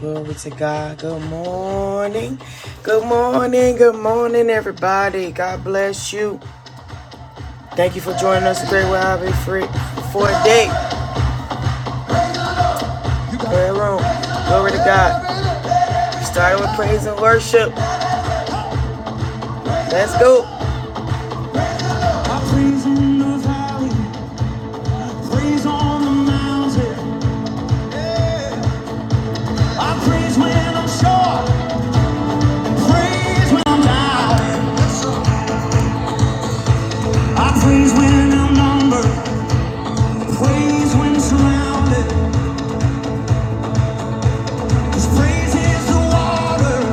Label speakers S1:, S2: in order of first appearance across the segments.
S1: Glory to God. Good morning. Good morning. Good morning, everybody. God bless you. Thank you for joining us today. We're having free for a day. Prayer room. Glory to God. Starting with praise and worship. Let's go. I praise in the valley. Praise on the mountain. I praise when I'm sure. Praise when I'm down. I praise when I'm numbered. Praise when surrounded. 'Cause praise is the water.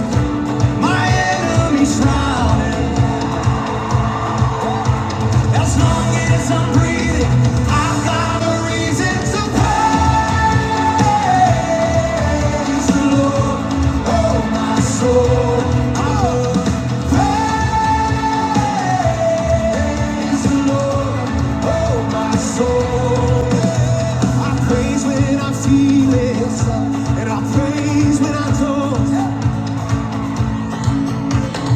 S1: My enemy's drowning. As long as I'm breathing, I've got a reason to praise the Lord. Oh, my soul. I praise the Lord. Oh, my soul. I praise when I feel it, and I praise when I don't.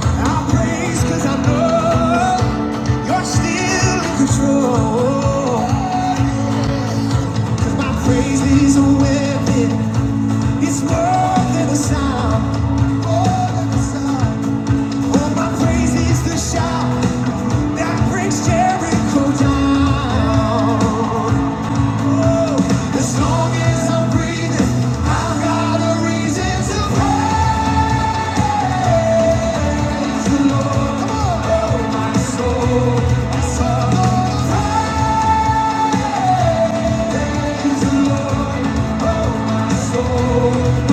S1: I praise 'cause I know you're still in control. My praise is a weapon. It's more than sound. More Oh, my praise is the shout that brings Jericho down. Oh, as long as I'm breathing, I've got a reason to praise the Lord. oh, my soul. My soul, praise the Lord. My soul.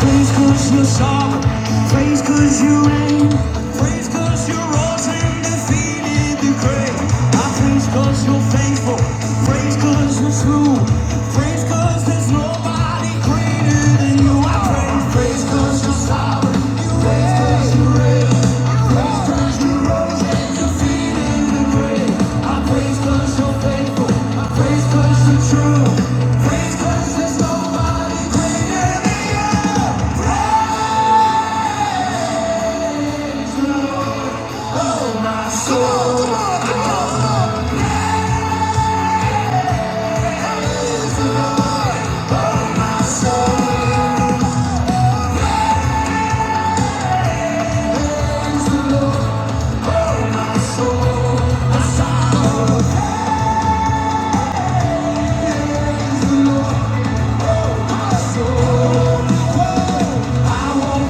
S1: Praise cause you're soft, praise cause you reign, praise cause you rose and defeated the grave. I praise cause you're faithful, praise cause you're true, praise cause there's nobody greater than you. I praise, praise I won't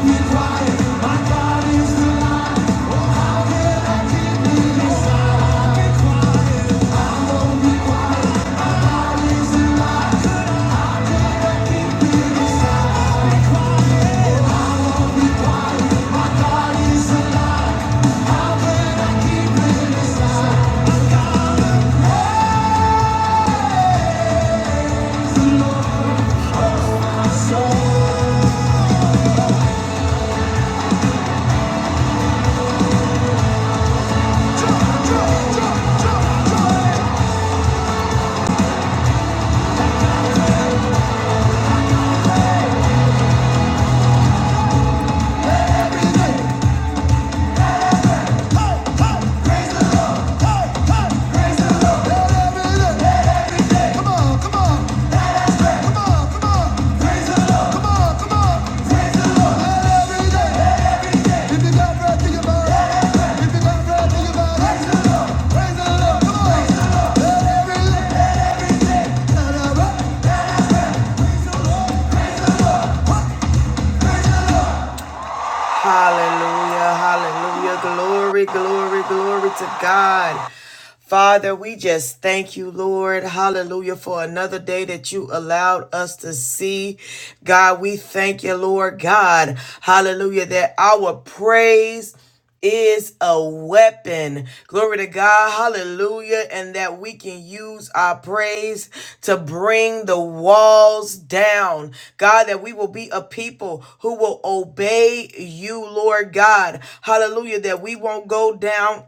S1: be quiet. My God is risen. Praise the Lord. Hallelujah, hallelujah. Glory, glory, glory to God. Father, we just thank you, Lord. Hallelujah for another day that you allowed us to see. God, we thank you, Lord God. Hallelujah that our praise is a weapon. Glory to God. Hallelujah. And that we can use our praise to bring the walls down. God, that we will be a people who will obey you, Lord God. Hallelujah. That we won't go down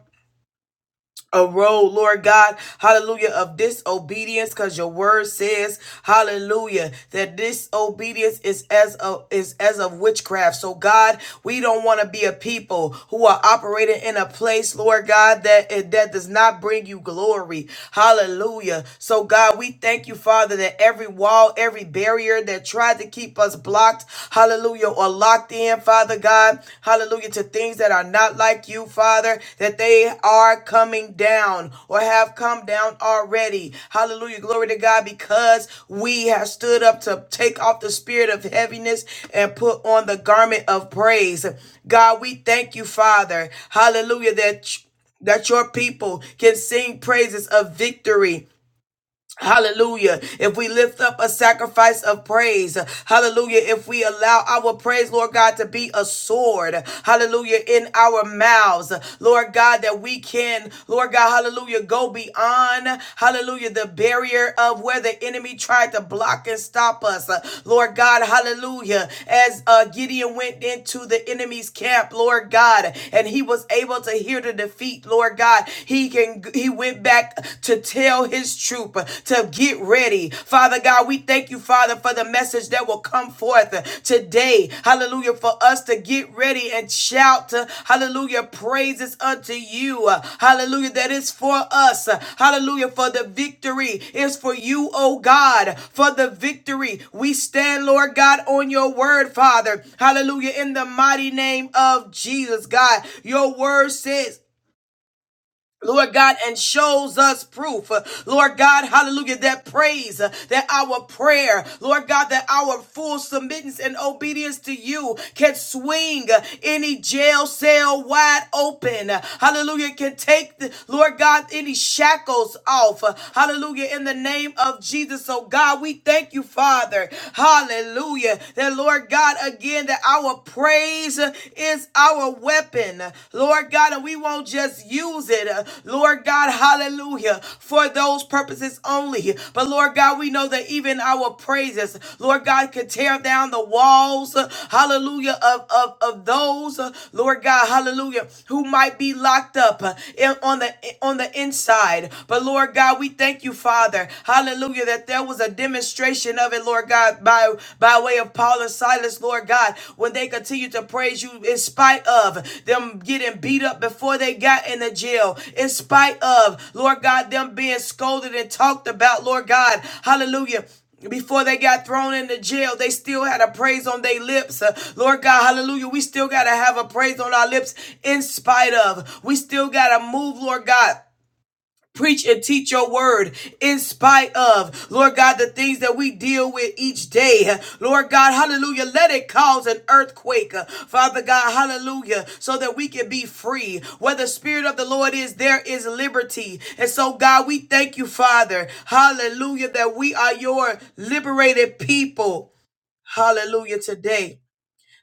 S1: a road, Lord God, hallelujah, of disobedience, because your word says, hallelujah, that disobedience is as of is as of witchcraft. So God, we don't want to be a people who are operating in a place, Lord God, that eh, that does not bring you glory. Hallelujah. So God, we thank you, Father, that every wall, every barrier that tried to keep us blocked, hallelujah or locked in, Father God. Hallelujah. To things that are not like you, Father, that they are coming down or have come down already. Hallelujah. Glory to God because we have stood up to take off the spirit of heaviness and put on the garment of praise. God, we thank you, Father. Hallelujah. That that your people can sing praises of victory Hallelujah. If we lift up a sacrifice of praise, hallelujah. If we allow our praise, Lord God, to be a sword, hallelujah, in our mouths, Lord God, that we can, Lord God, hallelujah, go beyond, hallelujah, the barrier of where the enemy tried to block and stop us, Lord God, hallelujah. As uh, Gideon went into the enemy's camp, Lord God, and he was able to hear the defeat, Lord God, he can, he went went back to tell his troop uh, to get ready. Father God, we thank you, Father, for the message that will come forth uh, today. Hallelujah. For us to get ready and shout, uh, hallelujah, praises unto you. Uh, Hallelujah. That is for us. Uh, Hallelujah. For the victory is for you, oh God. For the victory, we stand, Lord God, on your word, Father. Hallelujah. In the mighty name of Jesus, God, your word says, Lord God, and shows us proof. Uh, Lord God, hallelujah, that praise, uh, that our prayer, Lord God, that our full submittance and obedience to you can swing uh, any jail cell wide open. Uh, Hallelujah, can take, the, Lord God, any shackles off. Uh, Hallelujah, in the name of Jesus. So, God, we thank you, Father. Hallelujah, that Lord God, again, that our praise praise is our weapon, Lord God, and we won't just use it, Lord God, hallelujah, for those purposes only. But Lord God, we know that even our praises, Lord God, can tear down the walls, hallelujah, of, of, of those, Lord God, hallelujah, who might be locked up in- on the on the inside. But Lord God, we thank you, Father, hallelujah, that there was a demonstration illustration of it, Lord God, by, by way of Paul and Silas, Lord God, when they continue to praise you in spite of them getting beat up before they got in the jail, in spite of, Lord God, them being scolded and talked about, Lord God, hallelujah before they got thrown into jail, they still had a praise on their lips. Uh, Lord God, hallelujah. We still got to have a praise on our lips in spite of. We still got to move, Lord God Preach and teach your word in spite of, Lord God, the things that we deal with each day. Lord God, hallelujah. Let it cause an earthquake, Father God, hallelujah, so that we can be free. Where the Spirit of the Lord is, there is liberty. And so, God, we thank you, Father, hallelujah, that we are your liberated people. Hallelujah today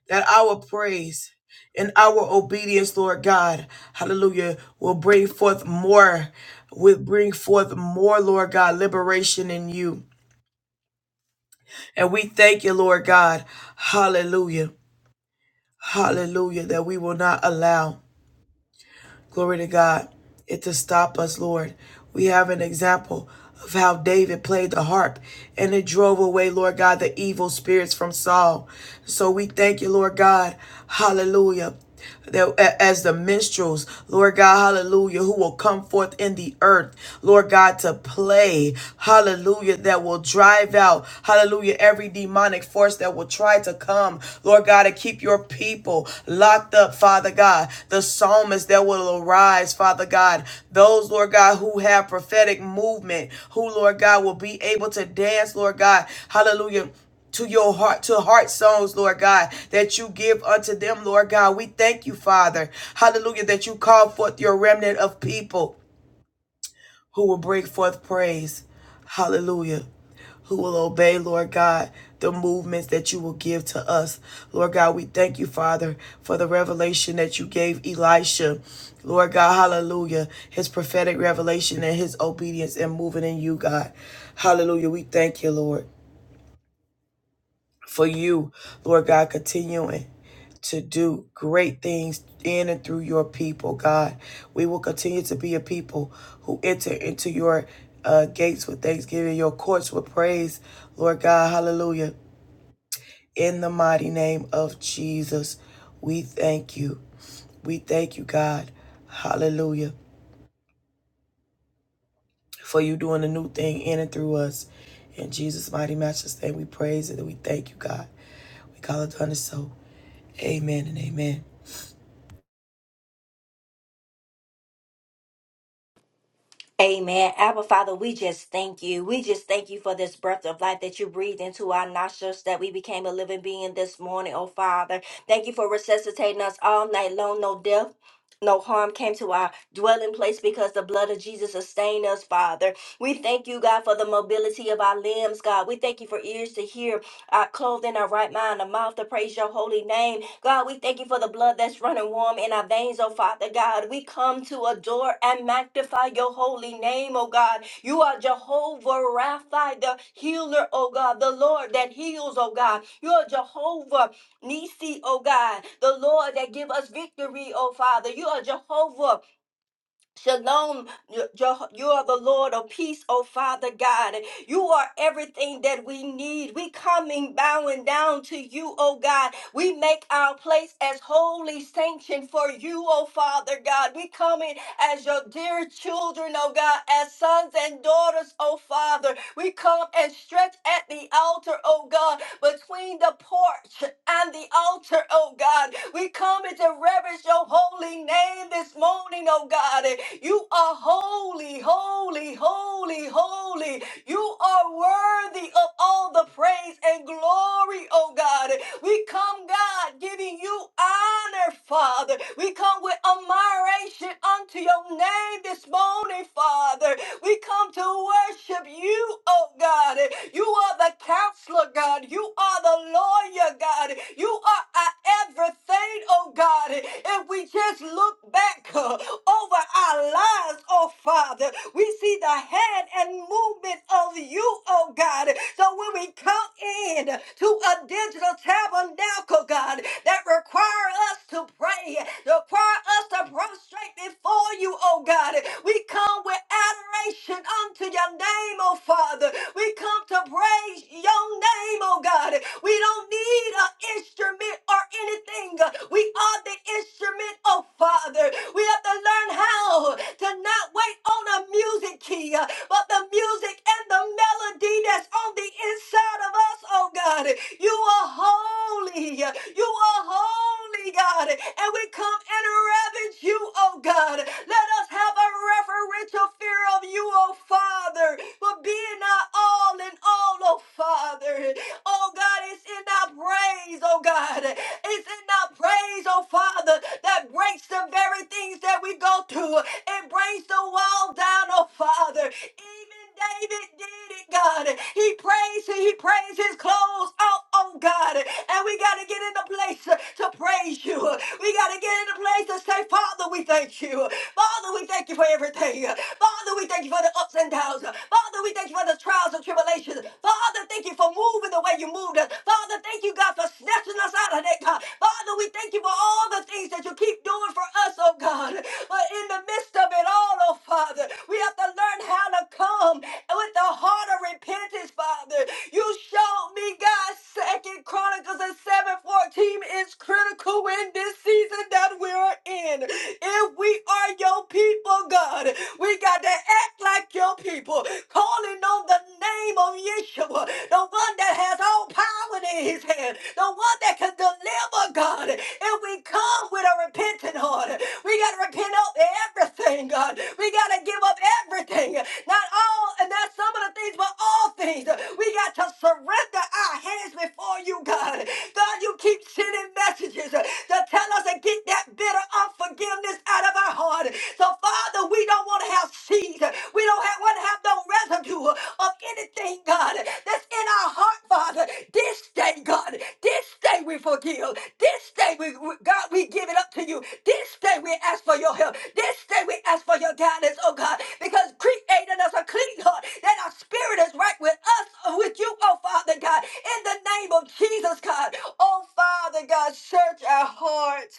S1: that our praise and our obedience, Lord God, hallelujah, will bring forth more, will bring forth more, Lord God, liberation in you. And we thank you, Lord God, hallelujah, hallelujah, that we will not allow. Glory to God. It to stop us, Lord. We have an example of how David played the harp and it drove away, Lord God, the evil spirits from Saul. So we thank you, Lord God. Hallelujah. That as the minstrels, Lord God, hallelujah, who will come forth in the earth, Lord God, to play, hallelujah, that will drive out, hallelujah, every demonic demonic force that will try to come, Lord God, to keep your people locked up, Father God. The psalmists that will arise, Father God. Those, Lord God, who have prophetic movement, who, Lord God, will be able to dance, Lord God. Hallelujah to your heart, to heart songs, Lord God, that you give unto them, Lord God. We thank you, Father. Hallelujah, that you call forth your remnant of people who will bring forth praise. Hallelujah. Who will obey, Lord God, the movements that you will give to us. Lord God, we thank you, Father, for the revelation that you gave Elisha. Lord God, hallelujah. His prophetic revelation and his obedience and moving in you, God. Hallelujah. We thank you, Lord for you, Lord God, continuing to do great things in and through your people, God. We will continue to be a people who enter into your uh, gates with thanksgiving, your courts with praise, Lord God. Hallelujah. In the mighty name of Jesus, we thank you. We thank you, God. Hallelujah. for you doing a new thing in and through us. In Jesus' mighty matchless name, we praise it and we thank you, God. We call it done and so. Amen and amen.
S2: Amen. Abba Father, we just thank you. We just thank you for this breath of life that you breathed into our nostrils that we became a living being this morning, oh Father. Thank you for resuscitating us all night long. No death, no harm came to our dwelling place because the blood of Jesus sustained us, Father. We thank you, God, for the mobility of our limbs, God. We thank you for ears to hear uh, clothed in our right mind, a mouth to praise your holy name. God, we thank you for the blood that's running warm in our veins, oh Father God. We come to adore and magnify your holy name, oh God. You are Jehovah Rapha, the healer, oh God, the Lord that heals, oh God. You are Jehovah Nisi, oh God, the Lord that give us victory, oh Father. You are Jehovah Shalom, Yo- Jeho- you are the Lord of peace, O Father God. You are everything that we need. We coming bowing down to you, O God. We make our place as holy sanction for you, O Father God. We coming as your dear children, O God, as sons and daughters, O Father. We come and stretch at the altar, O God, between the porch and the altar, oh God. We come into reverence your holy name this morning, oh God. You are holy, holy, holy, holy. You are worthy of all the praise and glory, oh God. We come, God, giving you honor, Father. We come with admiration unto your name this morning, Father. We come to worship you, oh God. You are the counselor, God. You are the Lord warrior, God. You are our everything, oh God. If we just look back uh, over our lives, oh Father, we see the hand and movement of you, oh God. So when we come in to a digital tabernacle, God, that require us to pray, require us to prostrate before you, oh God. We come with adoration unto your name, oh Father. We come to praise your name, oh God. God. We don't need an instrument or anything. We are the instrument, oh Father. We have to learn how to not wait on a music key, uh, but the music and the melody that's on the inside of us, oh God. You are holy. You are holy, God. And we come and reverence you, oh God. Let us have a reverential fear of you, oh Father, for being our all in all, oh Father. Oh God, it's in our praise, oh God. It's in our praise, oh Father, that breaks the very things that we go through. It breaks the wall down, oh Father. Even David did it, God. He praised, he praised his clothes off, oh God. And we got to get in the place to praise you. We got to get in the place to say, Father, we thank you. Father, we thank you for everything. Father, we thank you for the ups and downs. Father, we thank you for the trials trials and tribulations. Father, thank you for moving the way you moved us. Father, thank you, God, for snatching us out of that, God. Father, we thank you for all the things that you keep doing for us, oh God. But in the midst of it all, oh Father, we have to learn how to come with the heart of repentance, Father. You showed me, God, Second Chronicles and 7:14 is critical in this season that we're in. If we are your people, God, we got to act like your people, calling on the name of Yeshua, the one that has all power in his hand, the one that can deliver God. If we come with a repentant heart, we got to repent of everything, God. We got to give up everything, not all, and not some of the things, but all things. We got to surrender our hands before you, God. God, you keep sending messages to tell us to get that bitter unforgiveness out of our heart. God. So, Father, we don't want to have seed. We don't have, want to have no residue of anything, God, that's in our heart, Father. This day, God, this day we forgive. This day, we, we- God, we give it up to you. This day we ask for your help. This day we ask for your guidance, oh God, because create in us a clean heart that our spirit is right with us, uh, with you, oh Father God. In the name of Jesus, God, oh Father God, search our hearts.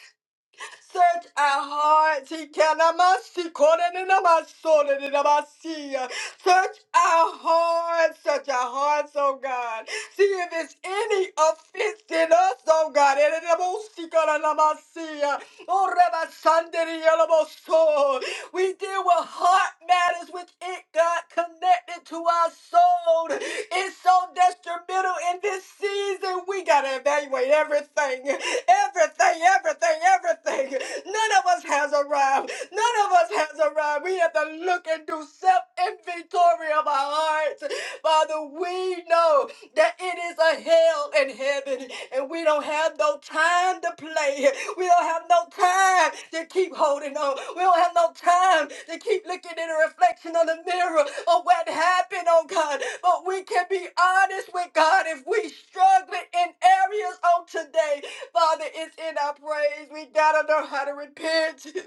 S2: Search our hearts. He cannot mercy, calling in my soul, and in my sea. Search our hearts. Search our hearts, oh God. See if it's any offense in us, oh God. And in the most, he cannot mercy. Oh, Rabbi Sunday, Yalamoso. We deal with heart matters which it got connected to our soul. It's so detrimental in this season. We got to evaluate everything. Everything, everything, everything. None of us has arrived. None of us has arrived. We have to look and do self inventory of of our hearts. Father, we know that it is a hell in heaven, and we don't have no time to play. We don't have no time to keep holding on. We don't have no time to keep looking in the reflection of the mirror of what happened, oh God. But we can be honest with God if we struggling in areas on today Father, it's in our praise. We gotta know how to repent.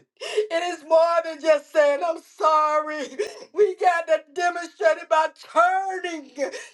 S2: It is more than just saying, I'm sorry. We gotta demonstrate it by turning,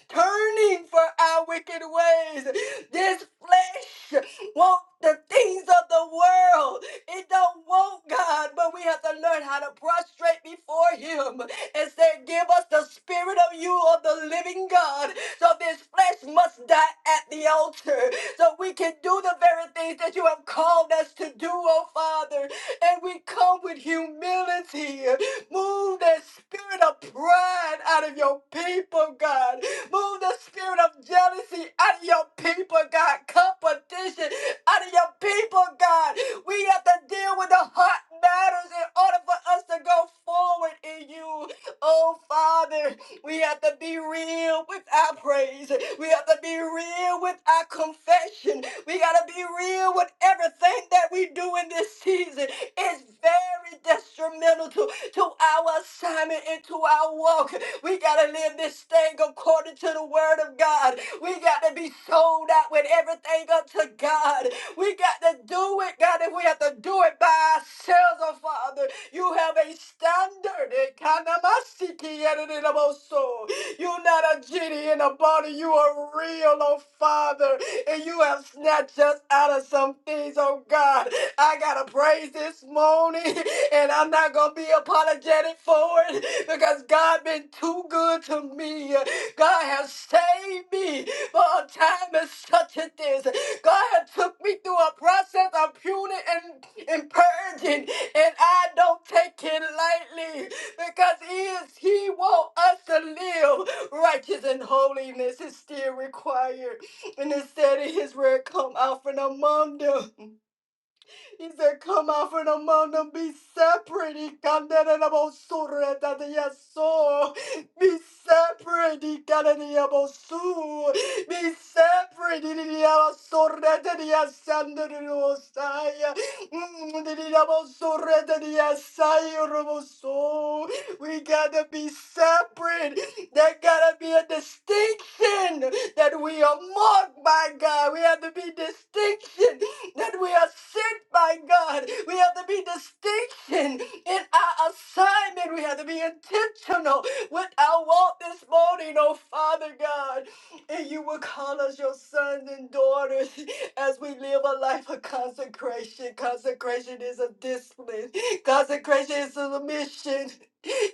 S2: turning for our wicked ways. This flesh wants the things of the world. It don't want God, but we have to learn how to prostrate before Him and say, Give us the spirit of you, of the living God. So this flesh must die at the altar so we can do the very things that you have called us to do, oh Father. And we come with humility. Move that spirit of pride out of your people, God. Move the spirit of jealousy out of your people, God. Competition out of your people, God. We have to deal with the hot matters in order for us to go forward in you, oh Father. We have to be real with our praise. We have to be real with our confession. We got to be real with everything that we do in this season. It's very detrimental to, to our assignment and to our walk. We got to live this thing according to the word of God. We got to be sold out with everything unto God. We got to do it, God, if we have to do it by ourselves, oh Father. You have a standard. Eh, kanamasiki yadidinaboso. You're not a genie in a bottle. You are real, oh Father. And you have snatched us out of some things, oh God. I got to praise this morning, and I'm not going to be apologetic for it because God been too good to me. God has saved me for a time as such as this. God had took me through a process of pruning and, and purging, and I don't take it lightly because he is he wants us to live righteous and holiness is still required. And it said in his word, come out from among them. He said, Come out from among them, be separate. He can that and about surah that they are so. Be separate. He can that they about so. Be separate. He did about surah that they are sanded in Osaya. Mm, He did about surah that they are sayur about so. We gotta be separate. There gotta be a distinction that we are marked by God. We have to be distinction that we are sent by God. We have to be distinction in our assignment. We have to be intentional with our walk this morning, oh Father God. And you will call us your sons and daughters as we live a life of consecration. Consecration is a discipline. Consecration is a mission.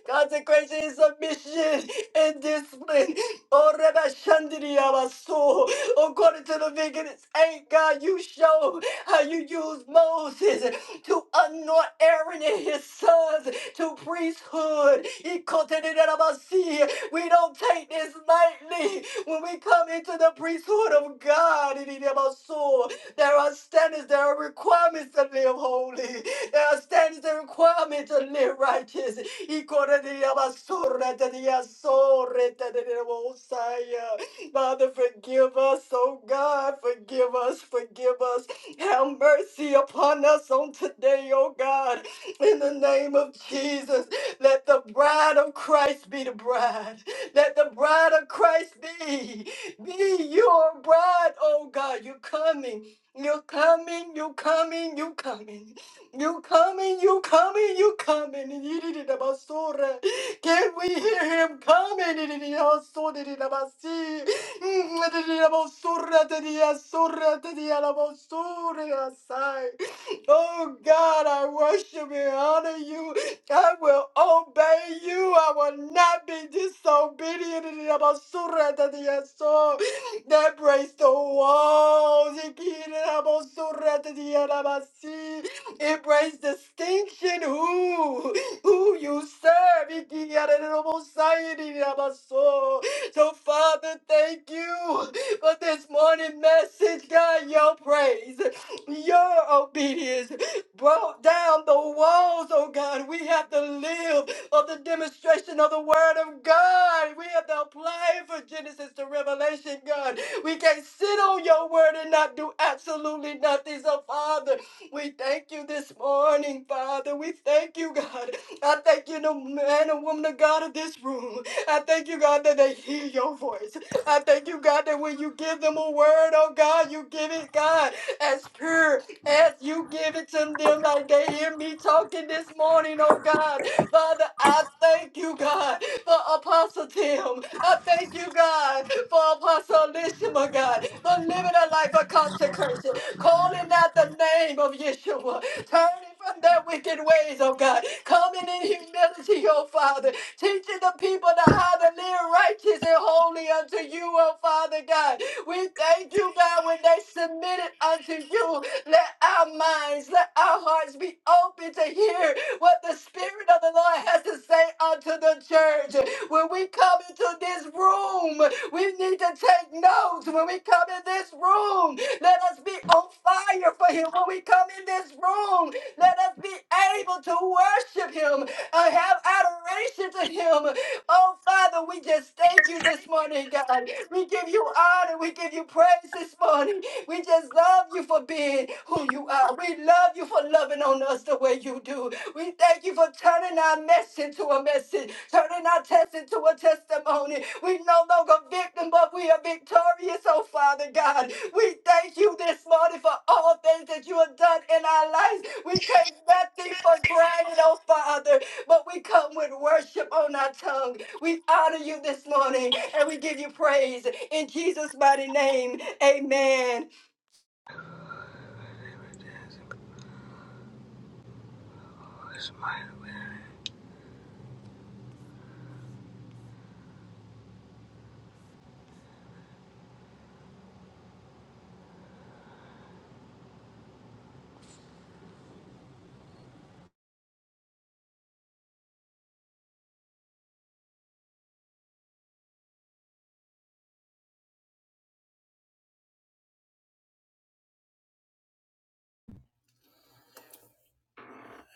S2: Consecration is a mission and discipline. Oh, Rebbe Shandini Yabaso. According to Leviticus 8, God, you show how you used Moses to anoint Aaron and his sons to priesthood. Ikotenenabasi. We don't take this lightly when we come into the priesthood of God. Inenabaso. There are standards, there are requirements to live holy. There are standards and requirements to live righteous. Ikotenenabasuretenenabasuretenenabosaya. Father, forgive us, oh God, forgive us, forgive us. Have mercy upon us on today, oh God. In the name of Jesus, let the bride of Christ be the bride. Let the bride of Christ be, be your bride, oh God. You're coming. You're coming, you coming, you coming, you coming, you coming, you coming. Yidididabasorah. Can we hear him coming? Yididididabasorah. Oh God, I worship and honor you. I will obey you. I will not be disobedient. That breaks the walls. It breaks distinction who, who you serve. So, Father, thank you for this morning message. God, your praise, your obedience broke down the walls, oh God. We have to live of the demonstration of the Word of God. We have to apply it for Genesis to Revelation, God. We can't sit on your Word and not do absolutely nothing. So, Father, we thank you this morning, Father. We thank you, God. I thank you, the man and woman of God of this room. I thank you, God, that they hear your voice. I thank you, God, that when you give them a word, oh God, you give it, God, as pure as you give it to them, like they hear me talking this morning, oh God. Father, I thank you, God, for Apostle Tim. I thank you, God, for Apostle Elishama, God, for living a life of consecration, calling out the name of Yeshua, turning from their wicked ways, oh God, coming in humility, oh Father, Teaching the people to how to live righteous and holy unto you, O Father God. We thank you, God, when they submitted unto you. Let our minds, let our hearts be open to hear what the Spirit of the Lord has to say unto the church. When we come into this room, we need to take notes. When we come in this room, let us be on fire for Him. When we come in this room, let us be able to worship Him. I have adoration to him. Oh, Father, we just thank you this morning, God. We give you honor. We give you praise this morning. We just love you for being who you are. We love you for loving on us the way you do. We thank you for turning our mess into a message, turning our test into a testimony. We no longer victim, but we are victorious, oh Father God. We thank you this morning for all things that you have done in our lives. We take nothing for granted, oh Father but we come with worship on our tongue. We honor you this morning and we give you praise in Jesus' mighty name. Amen.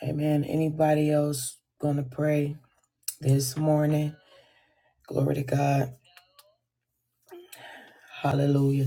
S1: Amen. Anybody else gonna pray this morning? Glory to God. Hallelujah.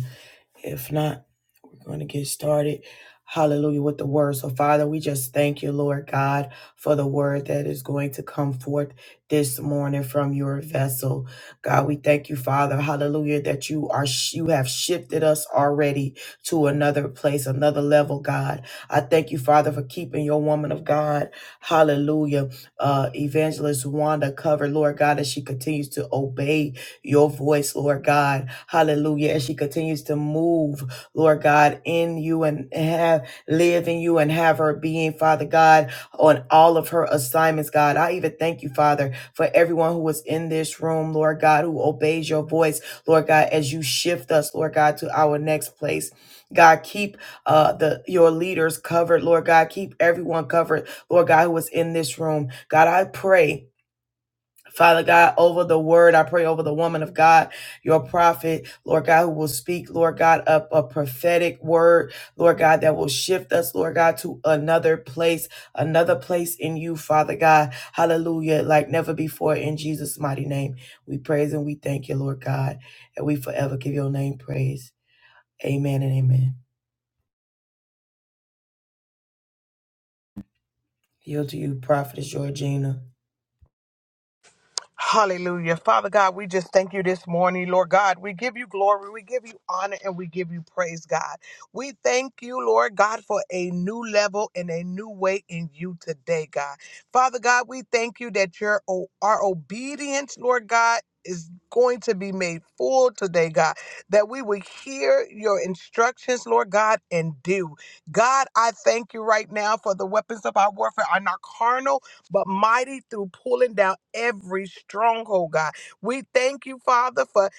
S1: If not, we're going to get started. Hallelujah with the word. So, Father, we just thank you, Lord God, for the word that is going to come forth this morning from your vessel. God, we thank you, Father. Hallelujah, that you are you have shifted us already to another place, another level, God. I thank you, Father, for keeping your woman of God. Hallelujah. Uh, Evangelist Wanda covered, Lord God, as she continues to obey your voice, Lord God. Hallelujah. As she continues to move, Lord God, in you and have live in you and have her being, Father God, on all of her assignments, God. I even thank you, Father, for everyone who was in this room, Lord God, who obeys your voice, Lord God, as you shift us, Lord God, to our next place. God, keep uh the your leaders covered, Lord God. Keep everyone covered, Lord God, who was in this room. God, I pray Father God, over the word, I pray over the woman of God, your prophet, Lord God, who will speak, Lord God, up a prophetic word, Lord God, that will shift us, Lord God, to another place, another place in you, Father God. Hallelujah. Like never before in Jesus' mighty name. We praise and we thank you, Lord God, and we forever give your name praise. Amen and amen. Yield to you, prophetess Georgina.
S3: Hallelujah. Father God, we just thank you this morning, Lord God. We give you glory, we give you honor, and we give you praise, God. We thank you, Lord God, for a new level and a new way in you today, God. Father God, we thank you that your o- our obedience, Lord God, is going to be made full today, God, that we would hear your instructions, Lord God, and do. God, I thank you right now for the weapons of our warfare are not carnal, but mighty through pulling down every stronghold, God. We thank you, Father, for.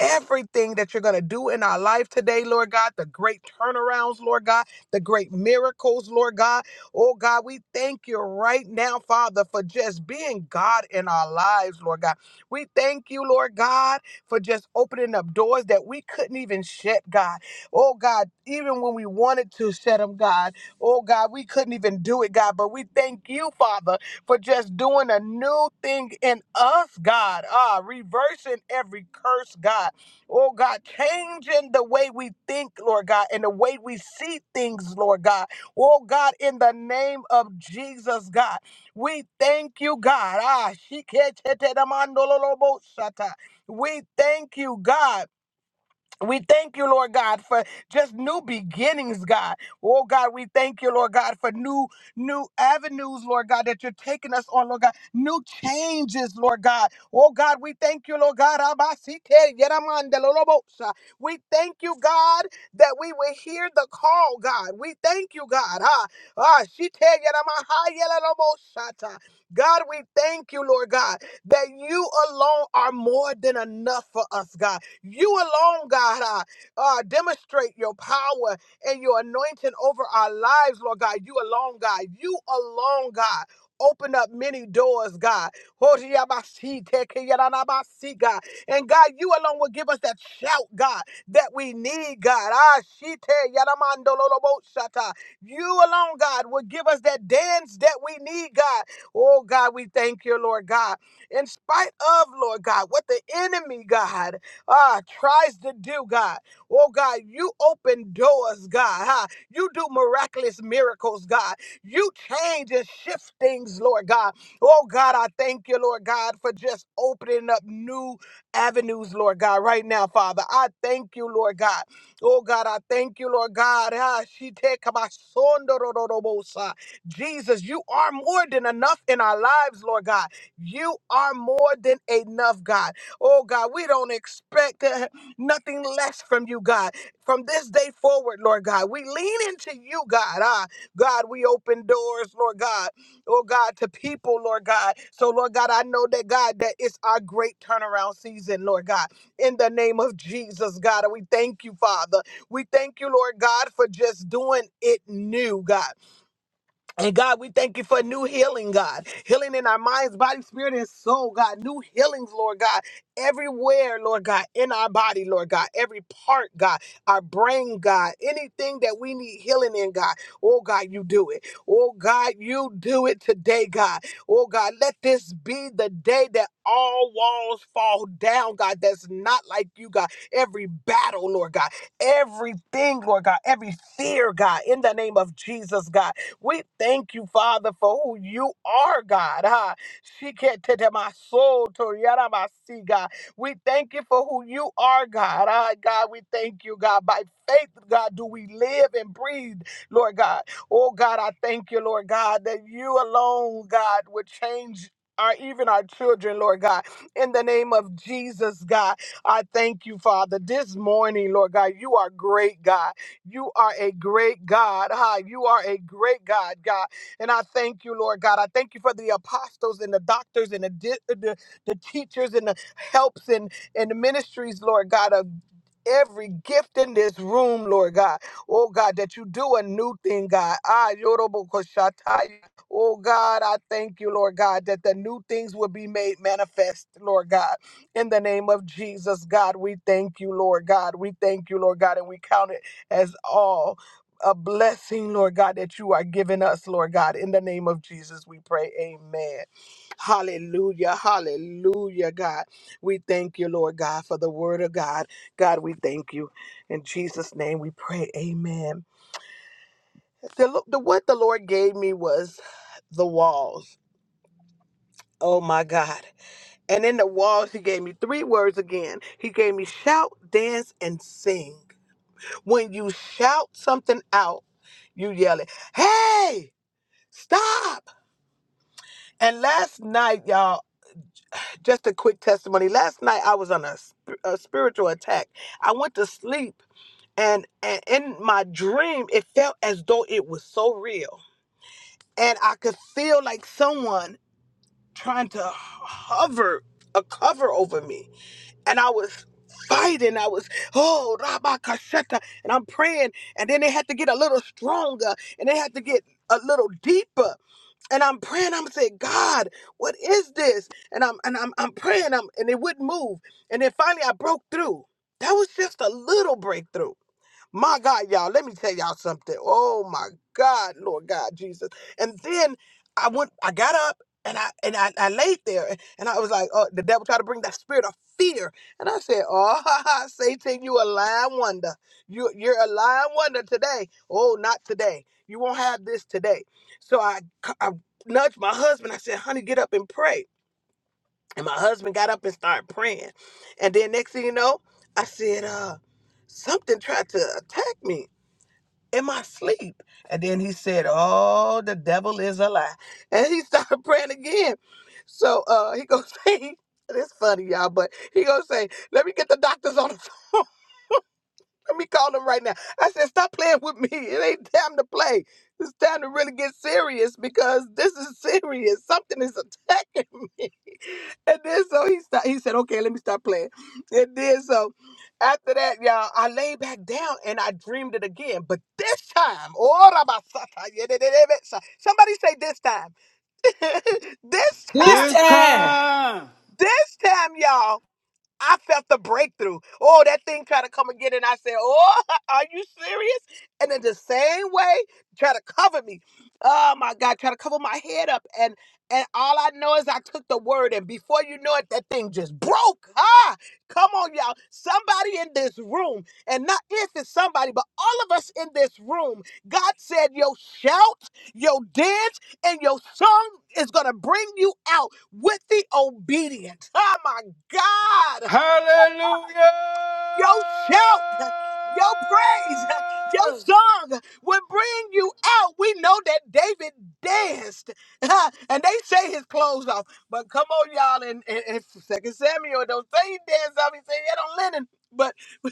S3: Everything that you're going to do in our life today, Lord God, the great turnarounds, Lord God, the great miracles, Lord God. Oh God, we thank you right now, Father, for just being God in our lives, Lord God. We thank you, Lord God, for just opening up doors that we couldn't even shut, God. Oh God, even when we wanted to shut them, God. Oh God, we couldn't even do it, God. But we thank you, Father, for just doing a new thing in us, God. Ah, reversing every curse, God. Oh, God, changing the way we think, Lord God, and the way we see things, Lord God. Oh, God, in the name of Jesus, God, we thank you, God. Ah, shiketetetamandololobosata. we thank you, God. We thank you, Lord God, for just new beginnings, God. Oh God, we thank you, Lord God, for new new avenues, Lord God, that you're taking us on, Lord God. New changes, Lord God. Oh God, we thank you, Lord God. Abasite yeramande lolobosa. We thank you, God, that we will hear the call, God. We thank you, God. Ah, ah, shite yeramaha yelelobosata. God, we thank you, Lord God, that you alone are more than enough for us, God. You alone, God, uh, uh, demonstrate your power and your anointing over our lives, Lord God. You alone, God. You alone, God. Open up many doors, God. Hoshiabasi, tekeyanabasi, God. And God, you alone will give us that shout, God, that we need, God. Ah, shite yanamandololoboshata. You alone, God, will give us that dance that we need, God. Oh, God, we thank you, Lord God. In spite of, Lord God, what the enemy, God ah, tries to do, God. Oh, God, you open doors, God. Huh? You do miraculous miracles, God. You change and shift things, Lord God. Oh, God, I thank you, Lord God, for just opening up new avenues, Lord God, right now, Father. I thank you, Lord God. Oh, God, I thank you, Lord God. Ah, she take my son, do, do, do, do, bo, sa. Jesus, you are more than enough in our lives, Lord God. You are more than enough, God. Oh God, we don't expect uh, nothing less from you, God. From this day forward, Lord God, we lean into you, God. Ah, God, we open doors, Lord God. Oh God, to people, Lord God. So, Lord God, I know that God, that it's our great turnaround season, Lord God. In the name of Jesus, God, we thank you, Father. We thank you, Lord God, for just doing it new, God. And God, we thank you for new healing, God. Healing in our minds, body, spirit, and soul, God. New healings, Lord God. Everywhere, Lord God. In our body, Lord God. Every part, God. Our brain, God. Anything that we need healing in, God. Oh, God, you do it. Oh, God, you do it today, God. Oh, God, let this be the day that all walls fall down, God. That's not like you, God. Every battle, Lord God. Everything, Lord God. Every fear, God. In the name of Jesus, God. We thank you, Father, for who you are, God. Ah, shikete my soul to yarabasi, God. We thank you for who you are, God. Ah, God, we thank you, God. By faith, God, do we live and breathe, Lord God. Oh, God, I thank you, Lord God, that you alone, God, would change. Our, even our children, Lord God, in the name of Jesus, God, I thank you, Father. This morning, Lord God, you are great, God. You are a great God. Ha, you are a great God, God. And I thank you, Lord God. I thank you for the apostles and the doctors and the di- uh, the, the teachers and the helps and, and the ministries, Lord God, of every gift in this room, Lord God. Oh God, that you do a new thing, God. Ah, Yorobo Koshatai. Oh God, I thank you, Lord God, that the new things will be made manifest, Lord God. In the name of Jesus, God, we thank you, Lord God. We thank you, Lord God, and we count it as all a blessing, Lord God, that you are giving us, Lord God. In the name of Jesus, we pray. Amen. Hallelujah. Hallelujah, God. We thank you, Lord God, for the word of God. God, we thank you. In Jesus' name we pray. Amen. The, the what the Lord gave me was the walls. Oh my God. And in the walls, he gave me three words again. He gave me shout, dance, and sing. When you shout something out, you yell it, hey, stop. And last night, y'all, just a quick testimony. Last night, I was on a, sp- a spiritual attack. I went to sleep, and, and in my dream, it felt as though it was so real. And I could feel like someone trying to hover, a cover over me and I was fighting. I was, oh, Rabba Kasheta, and I'm praying. And then they had to get a little stronger and they had to get a little deeper. And I'm praying, I'm saying, God, what is this? And I'm and I'm I'm praying, I'm and it wouldn't move. And then finally I broke through. That was just a little breakthrough. My God, y'all, let me tell y'all something. Oh my God, Lord God, Jesus. And then I went, I got up and I and I, I laid there and and I was like, oh, the devil tried to bring that spirit of fear. And I said, oh, ha ha, Satan, you a lying wonder. You, you're a lying wonder today. Oh, not today. You won't have this today. So I, c- I nudged my husband. I said, honey, get up and pray. And my husband got up and started praying. And then next thing you know, I said, uh, something tried to attack me in my sleep. And then he said, Oh, the devil is a lie. And he started praying again. So uh he gonna say, it's funny, y'all, but he gonna say, Let me get the doctors on the phone. Let me call him right now. I said, stop playing with me. It ain't time to play. It's time to really get serious because this is serious. Something is attacking me. And then so he sta- he said, okay, let me stop playing. And then so after that, y'all, I lay back down and I dreamed it again. But this time, oh, rabasata, yedededebesa. somebody say this time. this
S1: This
S3: time,
S4: It's
S1: time.
S4: time!
S3: this time, y'all. I felt the breakthrough. Oh, that thing tried to come again, and I said, "Oh, are you serious?" And in the same way, try to cover me. Oh my God, try to cover my head up, and and all I know is I took the word, and before you know it, that thing just broke. Ah, come on, y'all. Somebody in this room, and not if it's somebody, but all of us in this room. God said, "Your shout, your dance, and your song is gonna bring you out with the obedient." Oh my God your shout, your praise, your
S4: Hallelujah!
S3: song will bring you out. We know that David danced, and they say his clothes off. But come on, y'all, In and, and Second Samuel don't say he danced off. He said he had on linen. But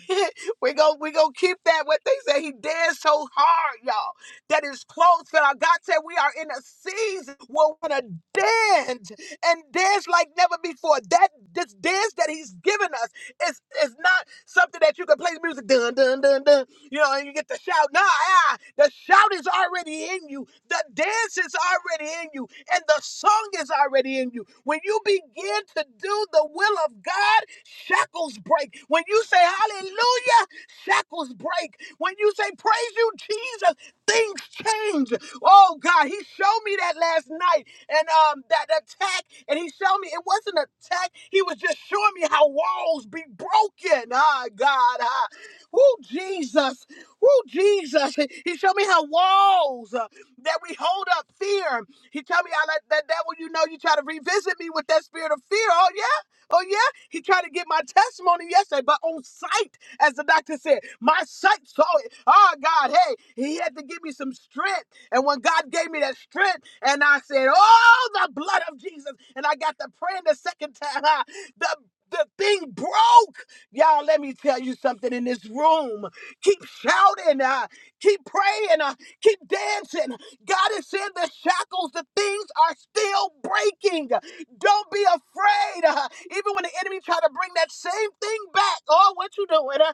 S3: we go we gonna keep that what they say he danced so hard, y'all, that his clothes fell out. God said we are in a season where we're gonna dance and dance like never before. That this dance that He's given us. It's it's not something that you can play the music dun dun dun dun. You know, and you get the shout. Nah, ah, the shout is already in you. The dance is already in you, and the song is already in you. When you begin to do the will of God, shackles break. When you say Hallelujah, shackles break. When you say Praise you, Jesus, things change. Oh God, He showed me that last night and um that attack and he showed me it wasn't an attack he was just showing me how walls be broken ah god ah. oh jesus oh jesus he he showed me how walls uh, that we hold up fear he told me i let that devil you know you try to revisit me with that spirit of fear oh yeah Oh yeah, he tried to get my testimony yesterday, but on sight, as the doctor said, my sight saw it. Oh God, hey, he had to give me some strength. And when God gave me that strength, and I said, Oh, the blood of Jesus, and I got to praying the second time, ah, the the thing broke. Y'all, let me tell you something in this room. Keep shouting, uh, keep praying, uh, keep dancing. God is saying the shackles, the things are still breaking. Don't be afraid. Uh, even when the enemy try to bring that same thing back, oh, what you doing? Uh,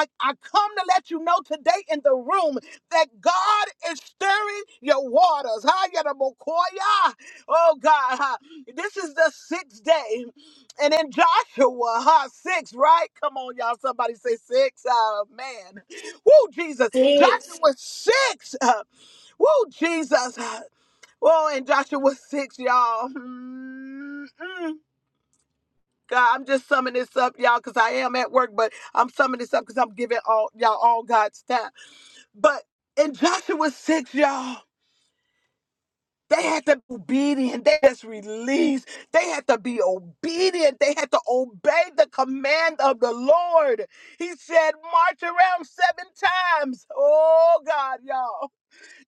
S3: I I come to let you know today in the room that God is stirring your waters. Ha, yada mokoya. Oh God, ha. this is the sixth day. And in Joshua, ha, six, right? Come on, y'all. Somebody say six. Oh man. Woo, Jesus. Joshua
S2: Six.
S3: six. Uh, woo, Jesus. Oh, and Joshua six, y'all. Mm-mm. God, I'm just summing this up, y'all, because I am at work, but I'm summing this up because I'm giving all y'all all God's time. But in Joshua 6, y'all, they had to be obedient. They just released. They had to be obedient. They had to obey the command of the Lord. He said, march around seven times. Oh, God, y'all.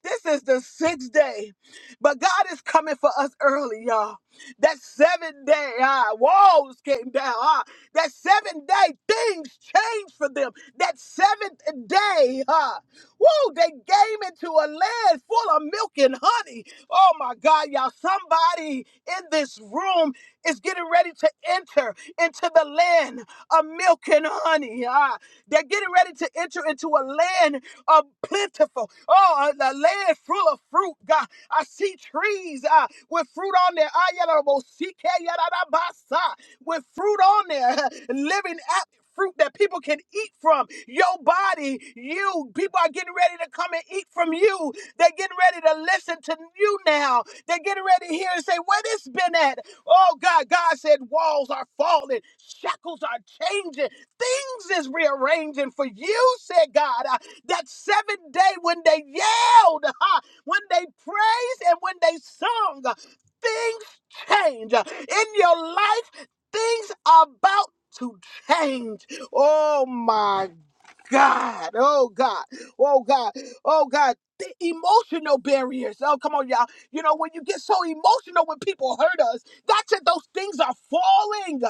S3: This is the sixth day. But God is coming for us early, y'all. That seven day ah, walls came down. Ah, that seven day things changed for them. That seventh day. huh? Woo, they came into a land full of milk and honey. Oh my God, y'all. Somebody in this room is getting ready to enter into the land of milk and honey. Ah, they're getting ready to enter into a land of plentiful. Oh, a, a land full of fruit, God. I see trees ah, with fruit on there. Ah, yada, bo- si- ke- yada, da- ba- sa, With fruit on there. Living fruit that people can eat from. Your body, you, people are getting ready to come and eat from you. They're getting ready to listen to you now. They're getting ready to hear and say, Where this been at? Oh God, God said walls are falling, shackles are changing, things is rearranging for you, said God. Uh, that seventh day when they yelled, ha, when they praised, and when they sung, uh, things change. Uh, In your life, Things are about to change. Oh my God. Oh God. Oh God. Oh God. The emotional barriers. Oh, come on, y'all. You know, when you get so emotional when people hurt us, that's it. Those things are falling.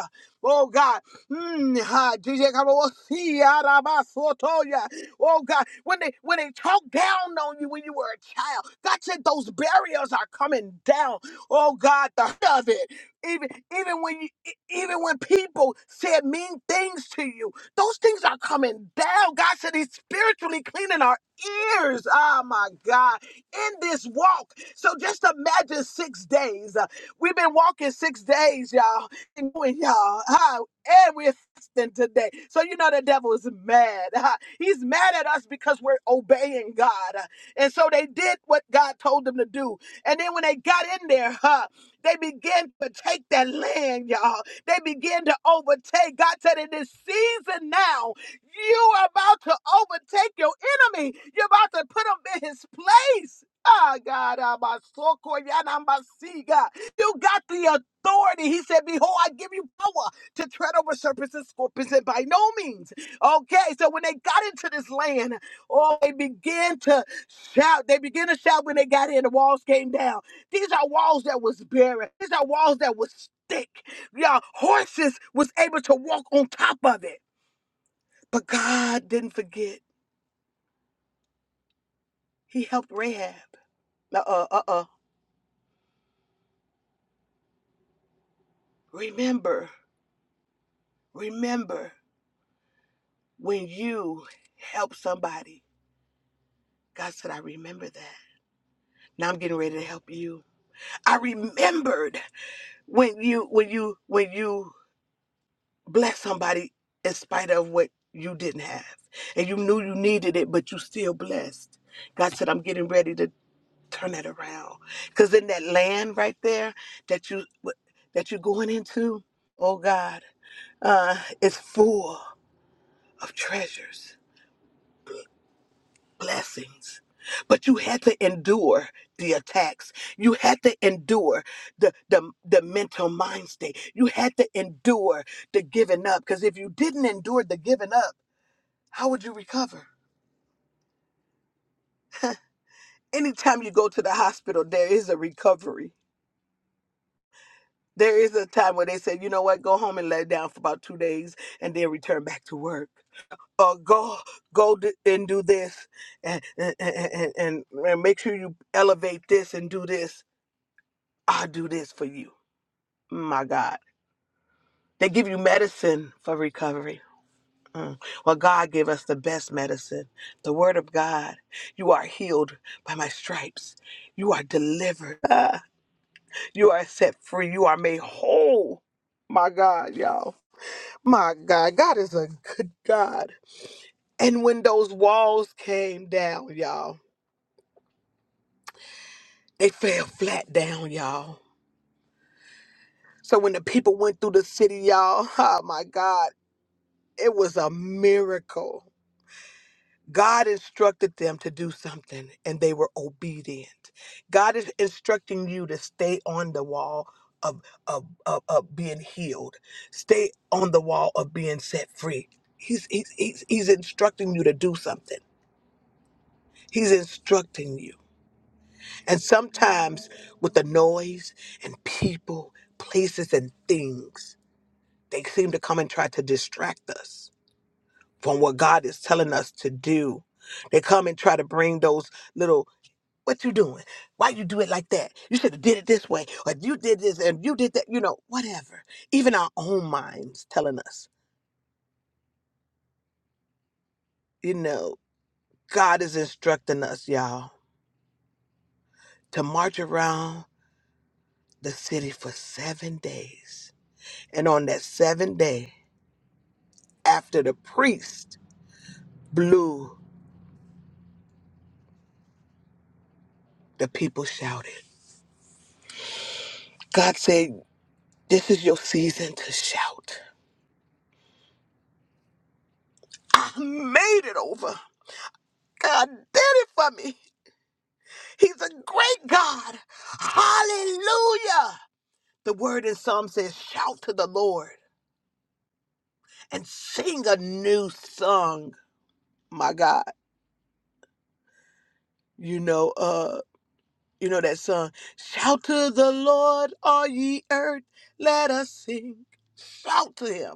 S3: Oh God. Mm, ha, DJ Kabaosi, Arabasotoya. Oh God. When they when they talk down on you when you were a child, that's it. Those barriers are coming down. Oh God, the hurt of it. Even even when you, e, even when people said mean things to you, those things are coming down. God said He's spiritually cleaning our ears. Oh my God. In this walk. So just imagine six days. Uh, We've been walking six days, y'all. And doing, y'all. Ah, and we're fasting today. So you know the devil is mad. Ah, He's mad at us because we're obeying God. Ah, And so they did what God told them to do. And then when they got in there, huh, they began to take that land, y'all. They begin to overtake. God said, in this season now, you are about to overtake your enemy. You're about to put him in his place. Ah, God, ah, my soul, so cool. Yeah, I'm my see God. you got the authority. He said, Behold, I give you power to tread over serpents and scorpions, and by no means. Okay, so when they got into this land, oh, they began to shout. They began to shout when they got in. The walls came down. These are walls that was barren. These are walls that was thick. Y'all, horses was able to walk on top of it. But God didn't forget. He helped Rahab. Uh-uh, uh-uh. Remember, remember when you help somebody. God said, I remember that. Now I'm getting ready to help you. I remembered when you when you when you blessed somebody in spite of what you didn't have. And you knew you needed it, but you still blessed. God said, I'm getting ready to turn that around because in that land right there that you that you're going into oh god uh it's full of treasures blessings but you had to endure the attacks you had to endure the the, the mental mind state you had to endure the giving up because if you didn't endure the giving up how would you recover anytime you go to the hospital there is a recovery There is a time where they said, you know what, go home and lay down for about two days and then return back to work. Or go go d- and do this and, and, and, and, and make sure you elevate this and do this. I'll do this for you. My God. They give you medicine for recovery. Mm. Well, God gave us the best medicine, the Word of God. You are healed by my stripes. You are delivered. Ah, You are set free. You are made whole. My God, y'all. My God, God is a good God. And when those walls came down, y'all, they fell flat down, y'all. So when the people went through the city, y'all, oh my God, it was a miracle. God instructed them to do something and they were obedient. God is instructing you to stay on the wall of, of, of, of being healed, stay on the wall of being set free. He's, he's, he's, he's instructing you to do something, He's instructing you. And sometimes with the noise and people, places, and things, they seem to come and try to distract us from what God is telling us to do. They come and try to bring those little, what you doing? Why you do it like that? You should have did it this way, or you did this and you did that, you know, whatever. Even our own minds telling us, you know, God is instructing us, y'all, to march around the city for seven days. And on that seventh day, after the priest blew, the people shouted. God said, This is your season to shout. I made it over. God did it for me. He's a great God. Hallelujah. The word in Psalm says, Shout to the Lord and sing a new song. My God, you know, uh, you know that song, Shout to the Lord, all ye earth, let us sing. Shout to him.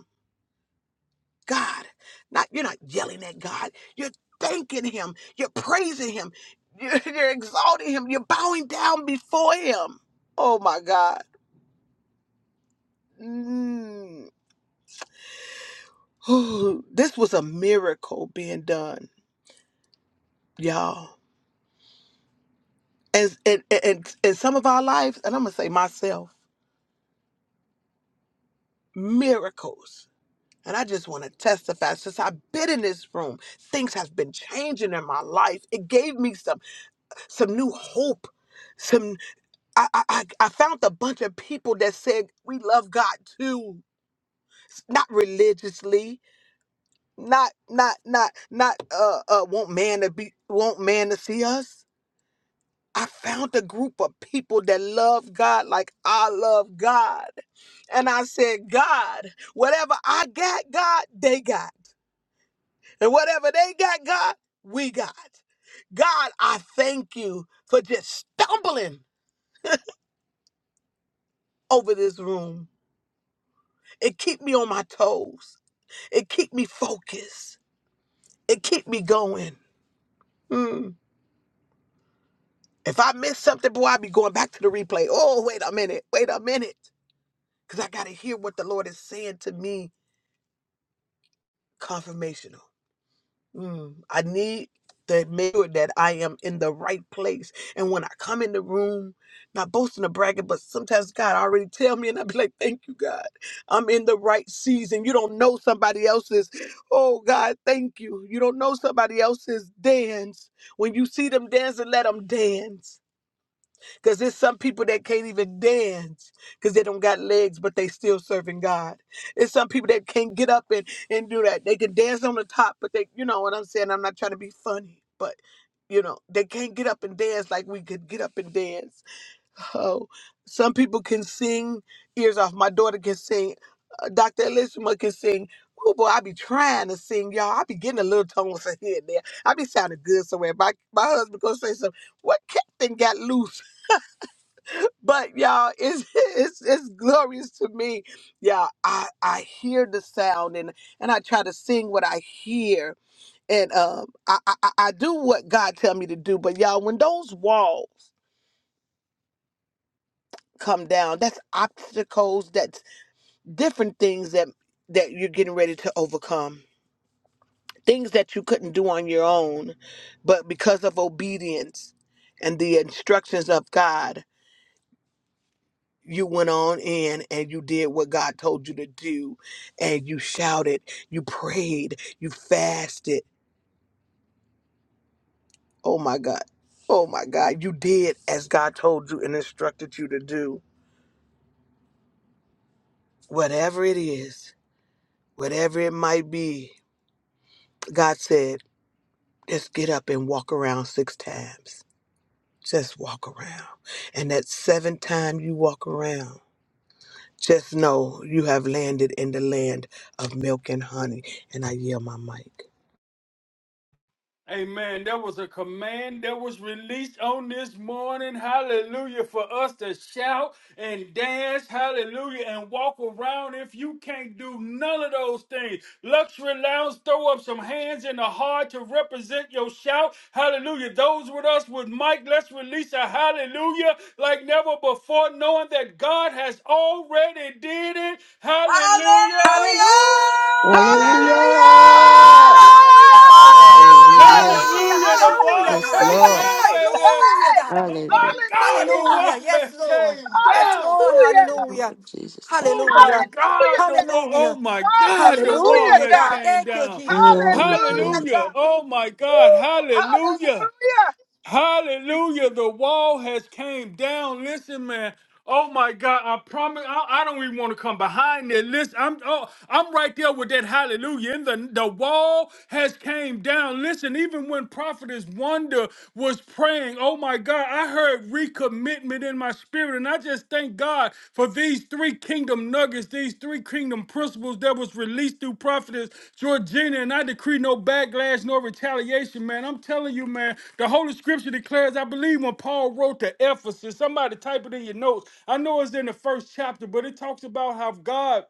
S3: God. Not you're not yelling at God. You're thanking him. You're praising him. You're, you're exalting him. You're bowing down before him. Oh my God. Mm. Ooh, this was a miracle being done, y'all. And and and in some of our lives, and I'm gonna say myself, miracles. And I just want to testify since I've been in this room, things have been changing in my life. It gave me some some new hope some. I, I, I I found a bunch of people that said we love God too, not religiously, not not not not uh, uh want man to be want man to see us. I found a group of people that love God like I love God, and I said, God, whatever I got, God, they got, and whatever they got, God, we got. God, I thank you for just stumbling over this room. It keep me on my toes. It keep me focused. It keep me going. Mm. If I miss something, boy, I be going back to the replay. Oh, wait a minute, wait a minute, because I gotta hear what the Lord is saying to me. Confirmational. Mm, I need to make sure that I am in the right place. And when I come in the room, not boasting or bragging, but sometimes God already tell me, and I be like, "Thank you, God. I'm in the right season." You don't know somebody else's. Oh God, thank you. You don't know somebody else's dance. When you see them dancing, let them dance. Because there's some people that can't even dance because they don't got legs, but they still serving God. There's some people that can't get up and, and do that. They can dance on the top, but they, you know what I'm saying? I'm not trying to be funny, but you know, they can't get up and dance like we could get up and dance. Oh, some people can sing ears off. My daughter can sing. Uh, Dr. Elishma can sing. Oh boy, I be trying to sing, y'all. I be getting a little tone here and there. I be sounding good somewhere. My, my husband gonna say something. What captain got loose? But y'all, it's, it's it's glorious to me. Y'all, I I hear the sound and and I try to sing what I hear and um I I, I I do what God tell me to do. But y'all, when those walls come down, that's obstacles, that's different things that that you're getting ready to overcome. Things that you couldn't do on your own, but because of obedience and the instructions of God. you went on in and you did what God told you to do and you shouted, you prayed, you fasted. Oh my God. Oh my God. You did as God told you and instructed you to do. Whatever it is, whatever it might be, God said, just get up and walk around six times. Just walk around. And that seventh time you walk around, just know you have landed in the land of milk and honey. And I yield my mic.
S4: Amen. There was a command that was released on this morning. Hallelujah. For us to shout and dance. Hallelujah. And walk around if you can't do none of those things. Luxury lounge, throw up some hands in the heart to represent your shout. Hallelujah. Those with us with Mike, let's release a hallelujah like never before, knowing that God has already did it. Hallelujah.
S2: Hallelujah.
S1: Hallelujah!
S3: Hallelujah!
S5: Hallelujah.
S2: Hallelujah.
S1: Hallelujah!
S5: Hallelujah.
S2: Hallelujah.
S4: Hallelujah. The
S2: Hallelujah,
S4: wall
S5: Yes,
S2: God.
S4: came
S3: Hallelujah!
S5: Lord.
S4: down,
S1: Glory!
S3: God,
S4: baby.
S2: Hallelujah,
S3: hey!
S2: God.
S4: Oh my
S5: Hallelujah.
S4: God, the
S3: Hallelujah!
S2: Hallelujah.
S4: wall
S2: Yes,
S4: has
S2: Lord.
S4: came
S2: Yes,
S4: down.
S2: Lord.
S3: Hallelujah!
S2: Hallelujah.
S5: Lord Jesus, thank
S4: Oh my
S2: Hallelujah.
S4: God, the wall. Oh
S2: Hallelujah.
S4: my God, the wall
S3: Hallelujah,
S2: Hallelujah,
S4: has
S2: God.
S3: God!
S4: came
S2: Thank you,
S4: down.
S3: Hallelujah, God!
S2: Jesus.
S5: you.
S3: Hallelujah,
S4: Hallelujah.
S3: God!
S4: Oh my God.
S3: Woo!
S4: Hallelujah. Hallelujah. The wall has came down. Listen, man. Oh my God. I promise I, I don't even want to come behind it. Listen, I'm oh, I'm right there with that hallelujah. And the, the wall has came down. Listen, even when Prophetess Wonder was praying, oh my God, I heard recommitment in my spirit. And I just thank God for these three three kingdom nuggets, these three kingdom principles that was released through prophetess Georgina, and I decree no backlash, no retaliation, man. I'm telling you, man, the Holy Scripture declares, I believe when Paul wrote to Ephesus, somebody type it in your notes. I know it's in the first chapter, but it talks about how God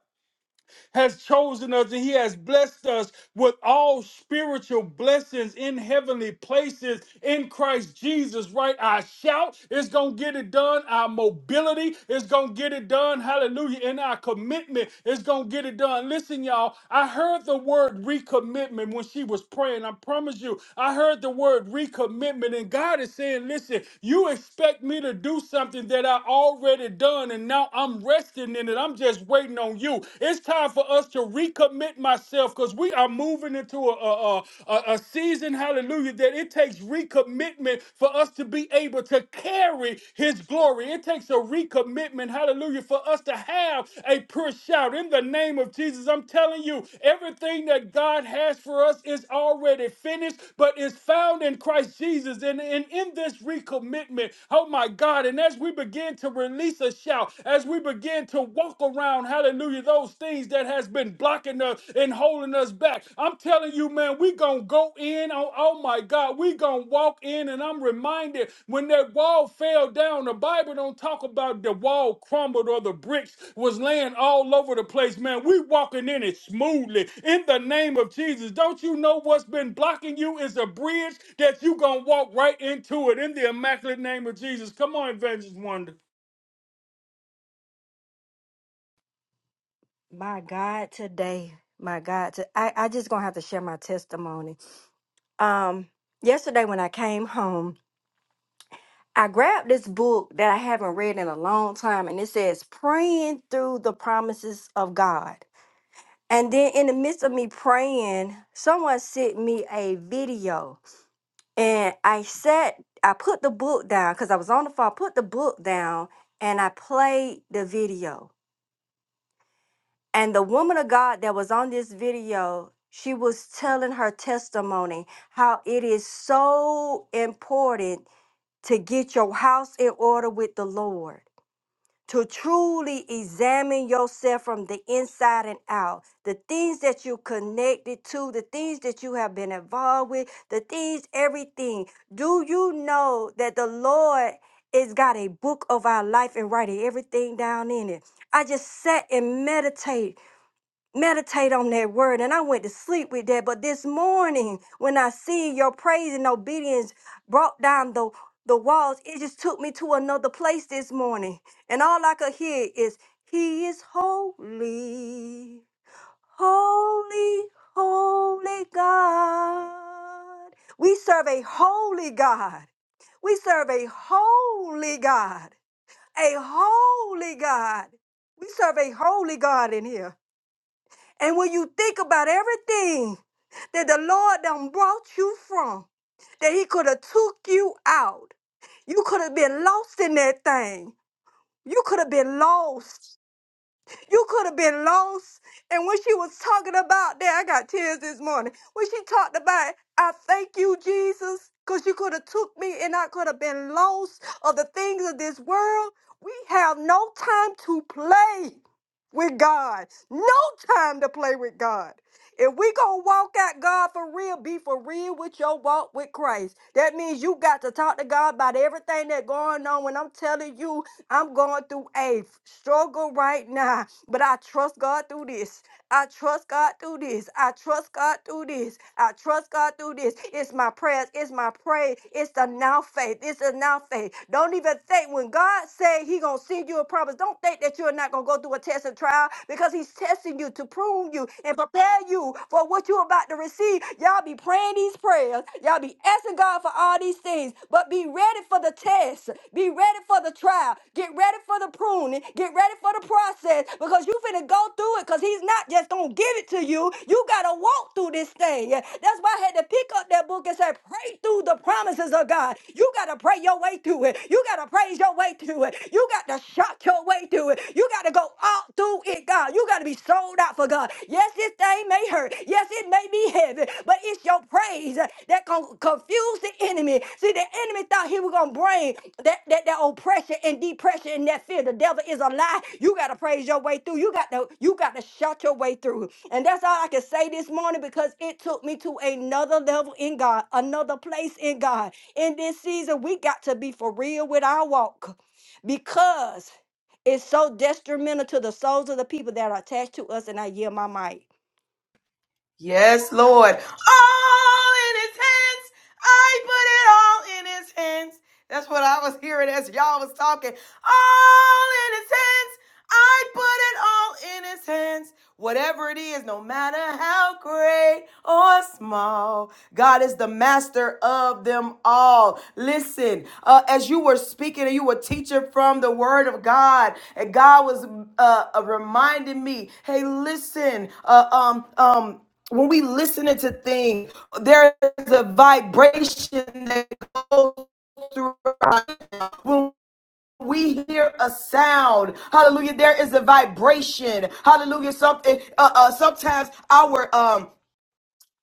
S4: has chosen us and he has blessed us with all spiritual blessings in heavenly places in Christ Jesus, right? Our shout is going to get it done. Our mobility is going to get it done. Hallelujah. And our commitment is going to get it done. Listen, y'all, I heard the word recommitment when she was praying. I promise you, I heard the word recommitment. And God is saying, listen, you expect me to do something that I already done. And now I'm resting in it. I'm just waiting on you. It's time for us to recommit myself because we are moving into a, a, a, a season, hallelujah, that it takes recommitment for us to be able to carry his glory. It takes a recommitment, hallelujah, for us to have a push shout in the name of Jesus. I'm telling you, everything that God has for us is already finished, but is found in Christ Jesus. And, and in this recommitment, oh my God, and as we begin to release a shout, as as we begin to walk around, hallelujah, those things that has been blocking us and holding us back. I'm telling you, man, we gonna go in on, oh my God, we gonna walk in and I'm reminded when that wall fell down, the Bible don't talk about the wall crumbled or the bricks was laying all over the place, man. We walking in it smoothly in the name of Jesus. Don't you know what's been blocking you is a bridge that you gonna walk right into it in the immaculate name of Jesus. Come on, Avengers Wonder.
S2: My God, today, my God, to, I, I just gonna have to share my testimony. Um, yesterday when I came home, I grabbed this book that I haven't read in a long time, and it says "Praying Through the Promises of God." And then in the midst of me praying, someone sent me a video, and I sat, I put the book down because I was on the phone, put the book down, and I played the video. And the woman of God that was on this video, she was telling her testimony how it is so important to get your house in order with the Lord, to truly examine yourself from the inside and out. The things that you connected to, the things that you have been involved with, the things, everything. Do you know that the Lord has got a book of our life and writing everything down in it? I just sat and meditated meditate on that word and I went to sleep with that. But this morning, when I see your praise and obedience brought down the the walls, it just took me to another place this morning. And all I could hear is He is holy, holy, holy God. We serve a holy God. We serve a holy God. A holy God. We serve a holy God in here. And when you think about everything that the Lord done brought you from, that He could have took you out, you could have been lost in that thing. You could have been lost. You could have been lost. And when she was talking about that, I got tears this morning. When she talked about, I thank you, Jesus, because you could have took me and I could have been lost of the things of this world. We have no time to play with God. No time to play with God. If we gonna walk out God for real, be for real with your walk with Christ. That means you got to talk to God about everything that's going on. When I'm telling you, I'm going through a struggle right now. But I trust God through this. I trust God through this. I trust God through this. I trust God through this. It's my prayers. It's my praise. It's the now faith. It's the now faith. Don't even think when God say He gonna send you a promise. Don't think that you're not gonna go through a test and trial because He's testing you to prune you and prepare you for what you're about to receive. Y'all be praying these prayers. Y'all be asking God for all these things. But but be ready for the test. Be ready for the trial. Get ready for the pruning. Get ready for the process because you finna go through it because he's not just gonna give it to you. You gotta walk through this thing. That's why I had to pick up that book and say, pray through the promises of God. You gotta pray your way through it. You gotta praise your way through it. You got to shout your way through it. You gotta go out through it, God. You gotta to be sold out for God. Yes, this thing may hurt. Yes, it may be heavy, but it's your praise that con- confused the enemy. See, the enemy thought he was going to bring that, that, that oppression and depression and that fear. The devil is a lie. You got to praise your way through. You got to you got to shout your way through. And that's all I can say this morning because it took me to another level in God, another place in God. In this season, we got to be for real with our walk because it's so detrimental to the souls of the people that are attached to us, and I yield my mic.
S1: Yes, Lord. All in his hands. I put it all in his hands. That's what I was hearing as y'all was talking. All in his hands. I put it all in his hands. Whatever it is, no matter how great or small, God is the master of them all. Listen, uh, as you were speaking and you were teaching from the word of God, and God was uh, uh, reminding me, hey, listen, uh, um, um, when we listen to things, there is a vibration that goes through our when we hear a sound hallelujah there is a vibration hallelujah something uh, uh sometimes our um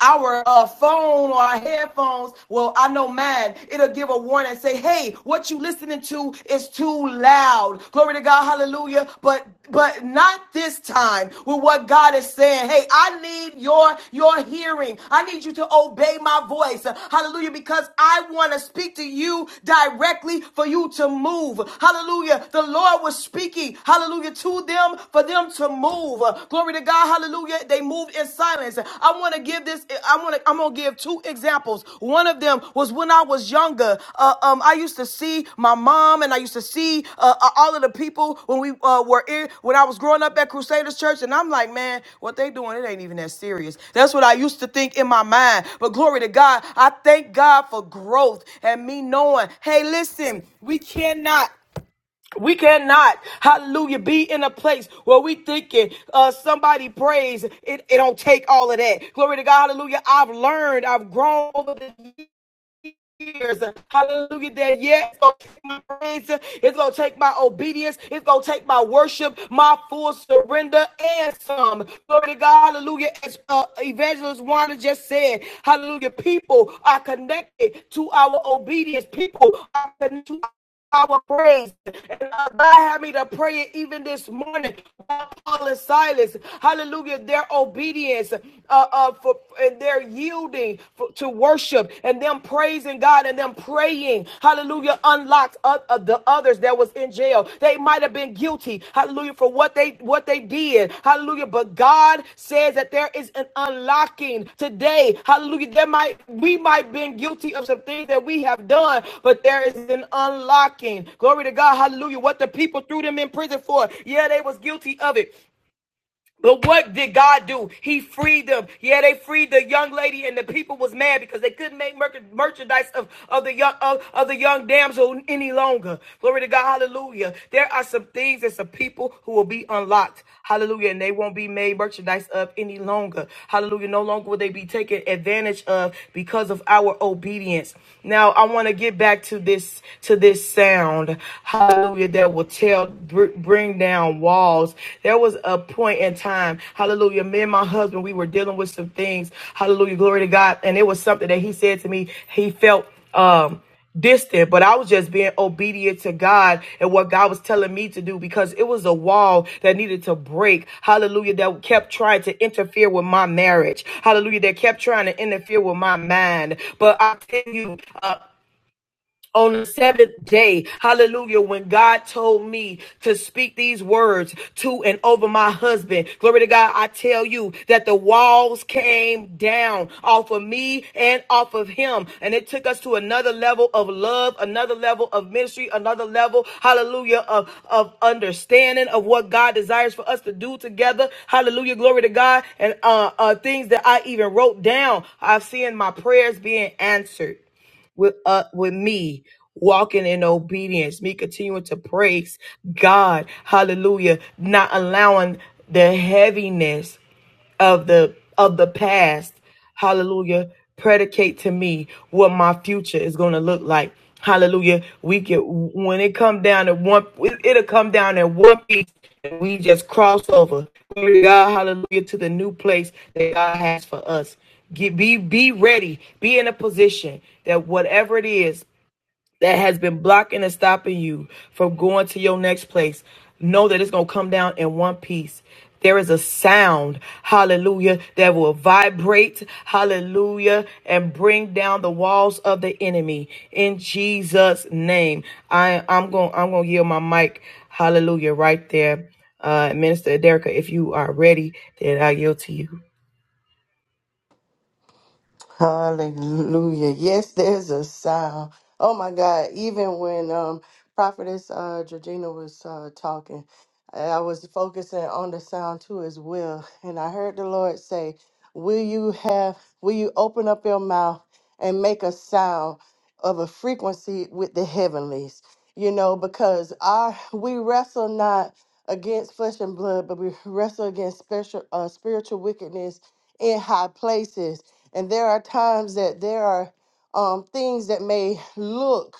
S1: our uh, phone or our headphones, well, I know mine, it'll give a warning, and say, hey, what you listening to is too loud. Glory to God, hallelujah. But but not this time with what God is saying. Hey, I need your your hearing. I need you to obey my voice. Hallelujah. Because I want to speak to you directly for you to move. Hallelujah. The Lord was speaking, hallelujah, to them for them to move move. Uh, Glory to God. Hallelujah. They moved in silence. I want to give this. I want to. I'm gonna give two examples. One of them was when I was younger. Uh, um, I used to see my mom, and I used to see uh, uh, all of the people when we uh, were in when I was growing up at Crusaders Church, and I'm like, man, what they doing? It ain't even that serious. That's what I used to think in my mind. But glory to God. I thank God for growth and me knowing. Hey, listen, we cannot. We cannot, hallelujah, be in a place where we thinking uh, somebody prays. It, it don't take all of that. Glory to God, hallelujah. I've learned, I've grown over the years. Hallelujah. That yeah, it's gonna take my praise, it's gonna take my obedience, it's gonna take my worship, my full surrender, and some. Glory to God, hallelujah. As uh, evangelist Wanda just said, hallelujah, people are connected to our obedience, people are connected to our praise. And uh, God had me to pray it even this morning. Uh, Paul and Silas, hallelujah, their obedience uh, uh, for, and their yielding for, to worship and them praising God and them praying, hallelujah, unlocked uh, uh, the others that was in jail. They might have could have been guilty, hallelujah, for what they what they did, hallelujah. But God says that there is an unlocking today, hallelujah. There might we might have been guilty of some things that we have done, but there is an unlocking. Glory to God, hallelujah. What the people threw them in prison for, yeah, they was guilty of it. But what did God do? He freed them. Yeah, they freed the young lady, and the people was mad because they couldn't make merc- merchandise of, of the young of, of the young damsel any longer. Glory to God, hallelujah. There are some things and some people who will be unlocked. Hallelujah. And they won't be made merchandise of any longer. Hallelujah. No longer will they be taken advantage of because of our obedience. Now I want to get back to this to this sound. Hallelujah That that will tell, bring down walls. There was a point in time, hallelujah, me and my husband, we were dealing with some things, hallelujah, glory to God. And it was something that he said to me, he felt, um, distant, but I was just being obedient to God and what God was telling me to do because it was a wall that needed to break. Hallelujah. That kept trying to interfere with my marriage. Hallelujah. That kept trying to interfere with my mind. But I tell you, uh, on the seventh day, hallelujah, when God told me to speak these words to and over my husband, glory to God, I tell you that the walls came down off of me and off of him. And it took us to another level of love, another level of ministry, another level, hallelujah, of, of understanding of what God desires for us to do together. Hallelujah, glory to God. And uh, uh, things that I even wrote down, I've seen my prayers being answered with uh with me walking in obedience me continuing to praise god hallelujah not allowing the heaviness of the of the past hallelujah predicate to me what my future is going to look like hallelujah we get when it come down to one it'll come down in one piece and we just cross over glory to god hallelujah to the new place that god has for us get be be ready be in a position that whatever it is that has been blocking and stopping you from going to your next place, know that it's going to come down in one piece. There is a sound, hallelujah, that will vibrate, hallelujah, and bring down the walls of the enemy in Jesus' name. I, I'm going, I'm going to yield my mic, hallelujah, right there. Uh, Minister Derrica, if you are ready, then I yield to you.
S5: Hallelujah. Yes, there's a sound. Oh my God. Even when um Prophetess uh Georgina was uh talking, I was focusing on the sound too as well. And I heard the Lord say, Will you have will you open up your mouth and make a sound of a frequency with the heavenlies? You know, because our we wrestle not against flesh and blood, but we wrestle against special uh, spiritual wickedness in high places and there are times that there are um, things that may look,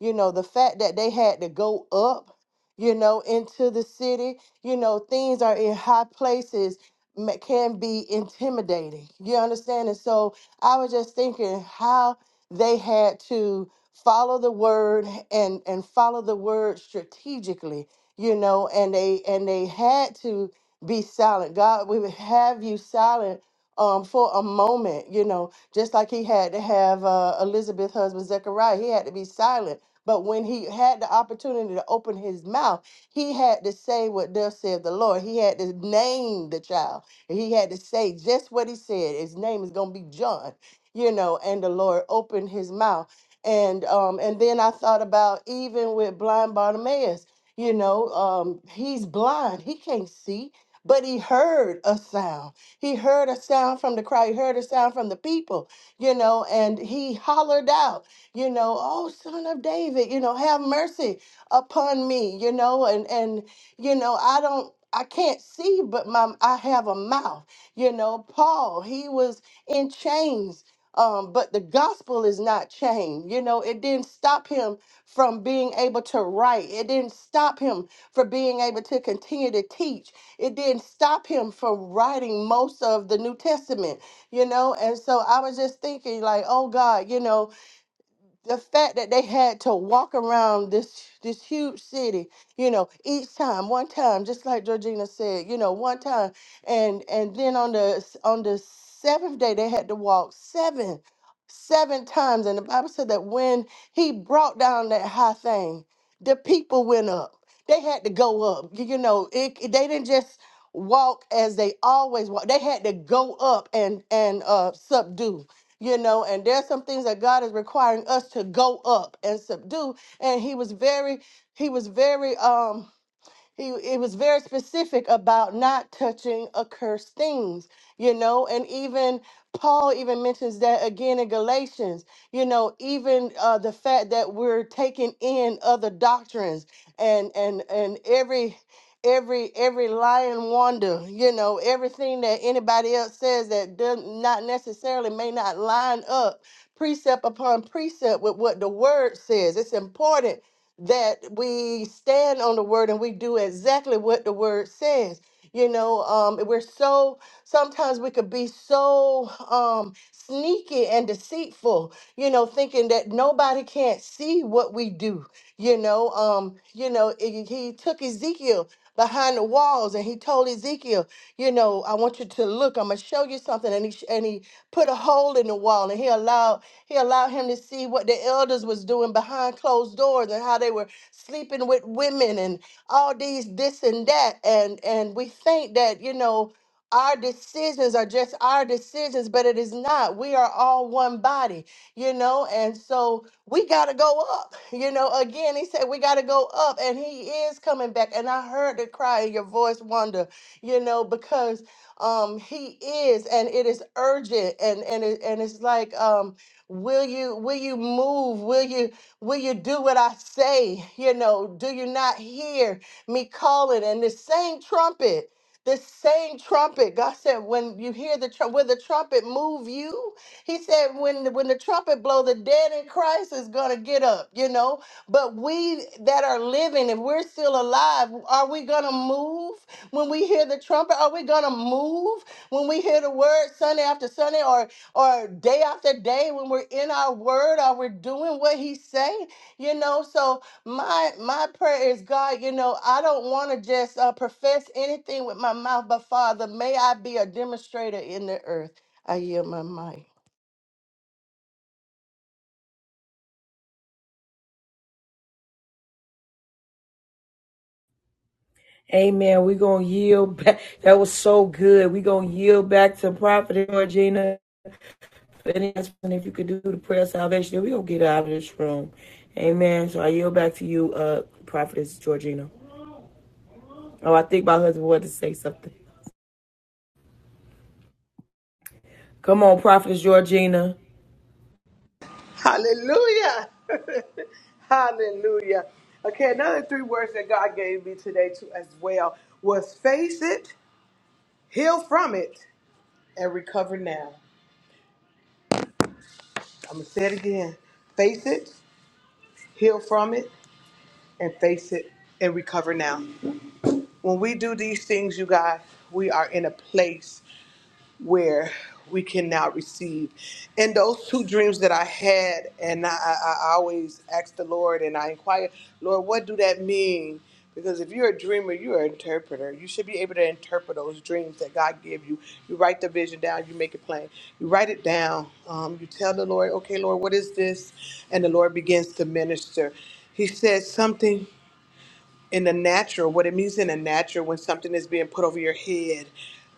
S5: you know, the fact that they had to go up, you know, into the city, you know, things are in high places ma- can be intimidating. You understand? And so I was just thinking how they had to follow the word and and follow the word strategically you know and they and they had to be silent god we would have you silent um, for a moment, you know, just like he had to have uh, Elizabeth's husband Zechariah, he had to be silent. But when he had the opportunity to open his mouth, he had to say what thus said the Lord. He had to name the child. He had to say just what he said. His name is going to be John, you know, and the Lord opened his mouth. And um, and then I thought about even with blind Bartimaeus, you know, um, he's blind. He can't see, but he heard a sound he heard a sound from the crowd. He heard a sound from the people, you know, and he hollered out, you know, oh, son of David, you know, have mercy upon me, you know, and, and, you know, I don't, I can't see, but my, I have a mouth, you know, Paul, he was in chains, um, but the gospel is not chained, you know, it didn't stop him from being able to write. It didn't stop him for being able to continue to teach it didn't stop him from writing most of the New Testament, you know? And so I was just thinking, like, oh God, you know, the fact that they had to walk around this this huge city, you know, each time, one time, just like Georgina said, you know, one time, and and then on the s- on the seventh day they had to walk seven, seven times, and the Bible said that when he brought down that high thing, the people went up. They had to go up, you you know. It, it- they didn't just walk as they always walk. They had to go up and and uh, subdue you know, and there's some things that God is requiring us to go up and subdue. And he was very, he was very um he it was very specific about not touching accursed things, you know, and even Paul even mentions that again in Galatians, you know, even uh, the fact that we're taking in other doctrines and and and every every every lying wonder, you know, everything that anybody else says that does not necessarily may not line up precept upon precept with what the word says. It's important that we stand on the word and we do exactly what the word says. You know, um, we're so sometimes we could be so um, sneaky and deceitful. You know, thinking that nobody can't see what we do. You know, um, you know, he he took Ezekiel behind the walls and he told Ezekiel, you know, I want you to look. I'm gonna show you something. And he sh- and he put a hole in the wall and he allowed he allowed him to see what the elders was doing behind closed doors and how they were sleeping with women and all these this and that. And and we think that, you know, our decisions are just our decisions, but it is not. We are all one body, you know, and so we got to go up. You know, again, he said we got to go up, and he is coming back. And I heard the cry in your voice, Wanda, you know, because um he is and it is urgent and and it, and it's like um Will you will you move? Will you will you do what I say? You know, do you not hear me calling? And the same trumpet, the same trumpet. God said, when you hear the trumpet, will the trumpet move you? He said, when the, when the trumpet blow, the dead in Christ is gonna get up. You know, but we that are living, if we're still alive, are we gonna move when we hear the trumpet? Are we gonna move when we hear the word Sunday after Sunday? or? or day after day when we're in our word or we're doing what he say you know so my my prayer is god you know i don't want to just uh, profess anything with my mouth but father may i be a demonstrator in the earth i yield my mic
S1: Amen. We're going to yield back. That was so good. We're going to yield back to Prophet Georgina. Any announcement if you could do the prayer of salvation, then we gonna get out of this room. Amen. So I yield back to you, uh, Prophetess Georgina. Oh, I think my husband wanted to say something. Come on, Prophetess Georgina.
S3: Hallelujah! Hallelujah! Hallelujah! Okay, another three words that God gave me today too as well was face it, heal from it, and recover now. I'm gonna say it again. Face it, heal from it, and face it and recover now. When we do these things, you guys, we are in a place where we can now receive. And those two dreams that I had, and I, I, I always ask the Lord and I inquire, Lord, what do that mean? Because if you're a dreamer, you're an interpreter. You should be able to interpret those dreams that God gave you. You write the vision down, you make it plain. You write it down. Um, you tell the Lord, okay, Lord, what is this? And the Lord begins to minister. He said something in the natural, what it means in the natural when something is being put over your head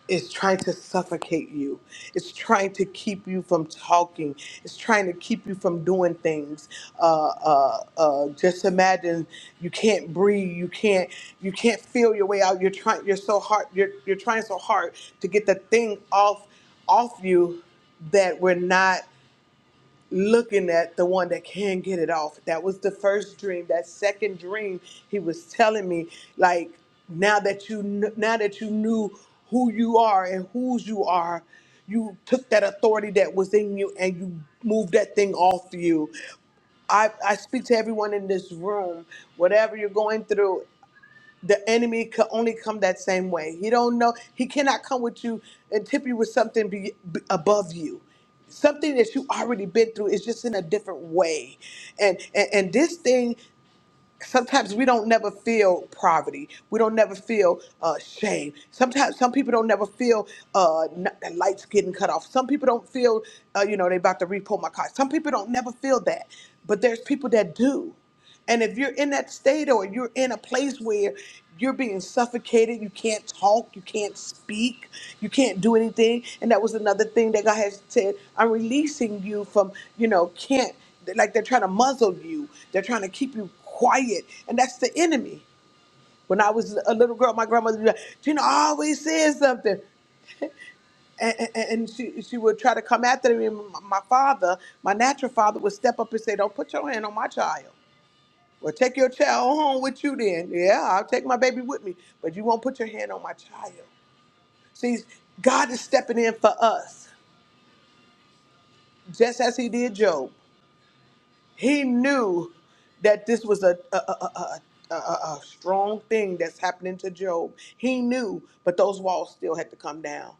S3: is trying to suffocate you. It's trying to keep you from talking. It's trying to keep you from doing things. Uh, uh, uh, just imagine you can't breathe. You can't. You can't feel your way out. You're trying. You're so hard. You're you're trying so hard to get the thing off off you that we're not looking at the one that can get it off. That was the first dream. That second dream, he was telling me, like, now that you kn- now that you knew who you are and whose you are, you took that authority that was in you and you moved that thing off you. I, I speak to everyone in this room, whatever you're going through the enemy could only come that same way. He don't know. He cannot come with you and tip you with something be, be above you. Something that you already been through is just in a different way, and and, and this thing sometimes we don't never feel poverty. We don't never feel uh, shame. Sometimes some people don't never feel uh, n- the lights getting cut off. Some people don't feel, uh, you know, they about to repo my car. Some people don't never feel that, but there's people that do. And if you're in that state or you're in a place where you're being suffocated, you can't talk, you can't speak, you can't do anything. And that was another thing that God has said, I'm releasing you from, you know, can't like they're trying to muzzle you. They're trying to keep you quiet. And that's the enemy. When I was a little girl, my grandmother would be like, Gina always says something. And, and, and she, she would try to come after me. And My my father, my natural father, would step up and say, Don't put your hand on my child. Well, take your child home with you then. Yeah, I'll take my baby with me, but you won't put your hand on my child. See, God is stepping in for us, just as He did Job. He knew that this was a, a, a, a, a, a a strong thing that's happening to Job. He knew, but those walls still had to come down.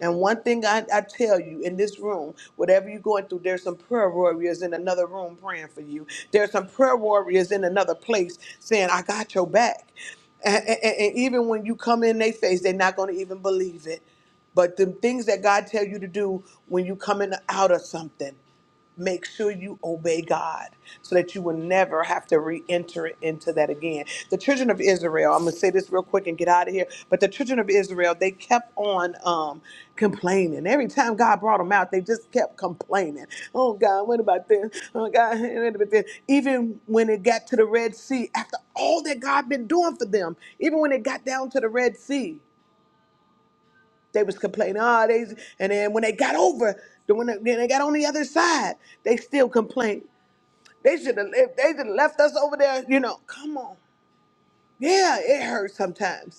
S3: And one thing I, I tell you in this room, whatever you're going through, there's some prayer warriors in another room praying for you. There's some prayer warriors in another place saying, I got your back. And, and and even when you come in their face, they're not going to even believe it. But the things that God tell you to do when you coming out of something make sure you obey God so that you will never have to re enter into that again. The children of Israel, I'm going to say this real quick and get out of here, but the children of Israel, they kept on um, complaining. Every time God brought them out, they just kept complaining. Oh, God, what about this? Oh, God, what about this? Even when it got to the Red Sea, after all that God been doing for them, even when it got down to the Red Sea, they was complaining. Oh, they, and then when they got over, the- when they, when they got on the other side, they still complained. They should have. They should have left us over there. You know. Come on. Yeah, it hurts sometimes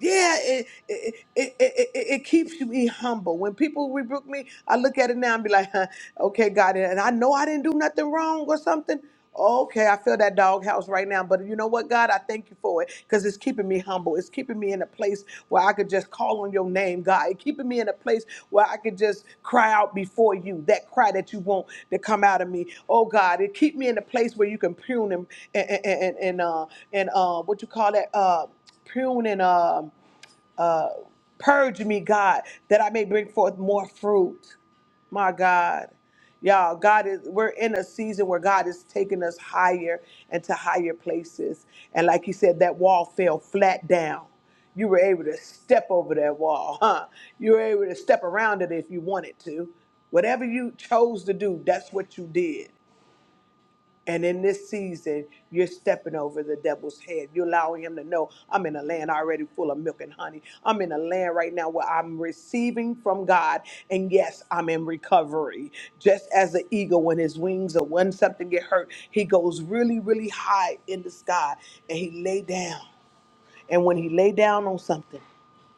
S3: yeah, it it, it it it it- keeps me humble. When people rebuke me, I look at it now and be like, huh, okay, God, and I know I didn't do nothing wrong or something. Okay, I feel that doghouse right now, but you know what, God, I thank you for it because it's keeping me humble. It's keeping me in a place where I could just call on your name, God. It's keeping me in a place where I could just cry out before you, that cry that you want to come out of me. Oh God, it keep me in a place where you can prune and and and, and uh and uh what you call that uh prune and um, uh, purge me, God, that I may bring forth more fruit. My God. Y'all, God is we're in a season where God is taking us higher and to higher places. And like you said, that wall fell flat down. You were able to step over that wall, huh? You were able to step around it if you wanted to. Whatever you chose to do, that's what you did. And in this season, you're stepping over the devil's head. You're allowing him to know I'm in a land already full of milk and honey. I'm in a land right now where I'm receiving from God. And yes, I'm in recovery. Just as the eagle, when his wings or when something get hurt, he goes really, really high in the sky and he lay down. And when he lay down on something,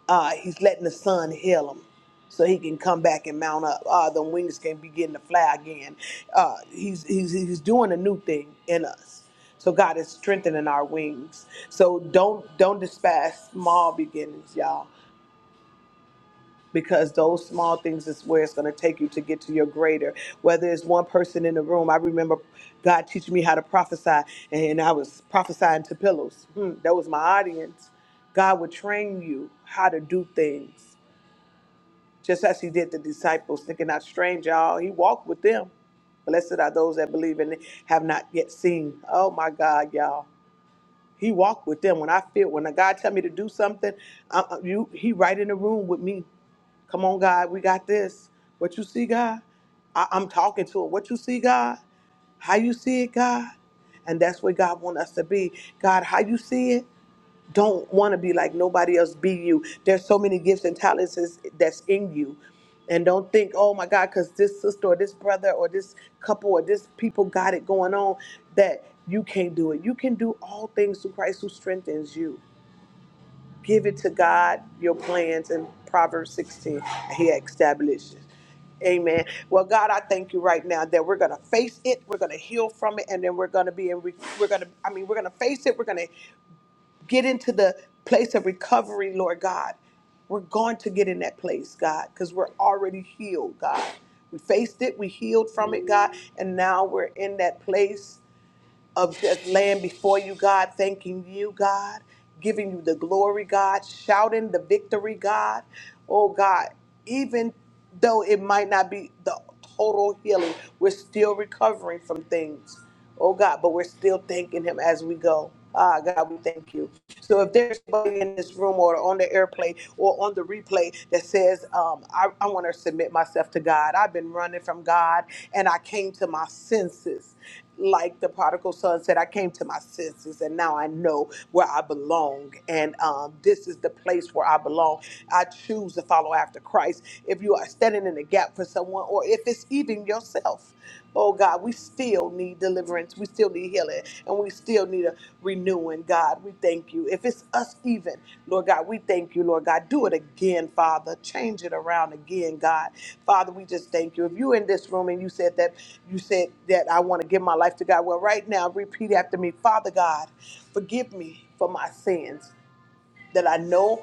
S3: uh, he's letting the sun heal him so he can come back and mount up. Uh, the wings can begin to fly again. Uh, he's, he's, he's doing a new thing in us. So God is strengthening our wings. So don't don't despise small beginnings, y'all, because those small things is where it's going to take you to get to your greater. Whether it's one person in the room, I remember God teaching me how to prophesy, and I was prophesying to pillows. Hmm, that was my audience. God would train you how to do things just as he did the disciples, thinking not strange, y'all. He walked with them. Blessed are those that believe and have not yet seen. Oh my God, y'all. He walked with them. When I feel, when a God tell me to do something, uh, uh, you, he right in the room with me. Come on, God, we got this. What you see, God? I, I'm talking to him. What you see, God? How you see it, God? And that's where God want us to be. God, how you see it? don't want to be like nobody else be you there's so many gifts and talents is- that's in you and don't think oh my god because this sister or this brother or this couple or this people got it going on that you can't do it you can do all things through christ who strengthens you give it to god your plans in proverbs 16 he establishes Amen. Well, God, I thank you right now that we're going to face it, we're going to heal from it, and then we're going to be in. re- We're going to. I mean, we're going to face it. We're going to get into the place of recovery, Lord God. We're going to get in that place, God, because we're already healed, God. We faced it, we healed from it, God, and now we're in that place of just laying before you, God, thanking you, God, giving you the glory, God, shouting the victory, God. Oh, God, even though it might not be the total healing, we're still recovering from things. Oh, God, but we're still thanking Him as we go. Ah, God, we thank you. So if there's somebody in this room or on the airplane or on the replay that says, um, I, I want to submit myself to God, I've been running from God and I came to my senses like the prodigal son said, I came to my senses and now I know where I belong. And um, this is the place where I belong. I choose to follow after Christ. If you are standing in the gap for someone or if it's even yourself, oh God, we still need deliverance. We still need healing and we still need a renewing, God. We thank you. If it's us even, Lord God, we thank you, Lord God. Do it again, Father. Change it around again, God. Father, we just thank you. If you in this room and you said that you said that I want to give my life to God, well, right now, repeat after me, Father God, forgive me for my sins that I know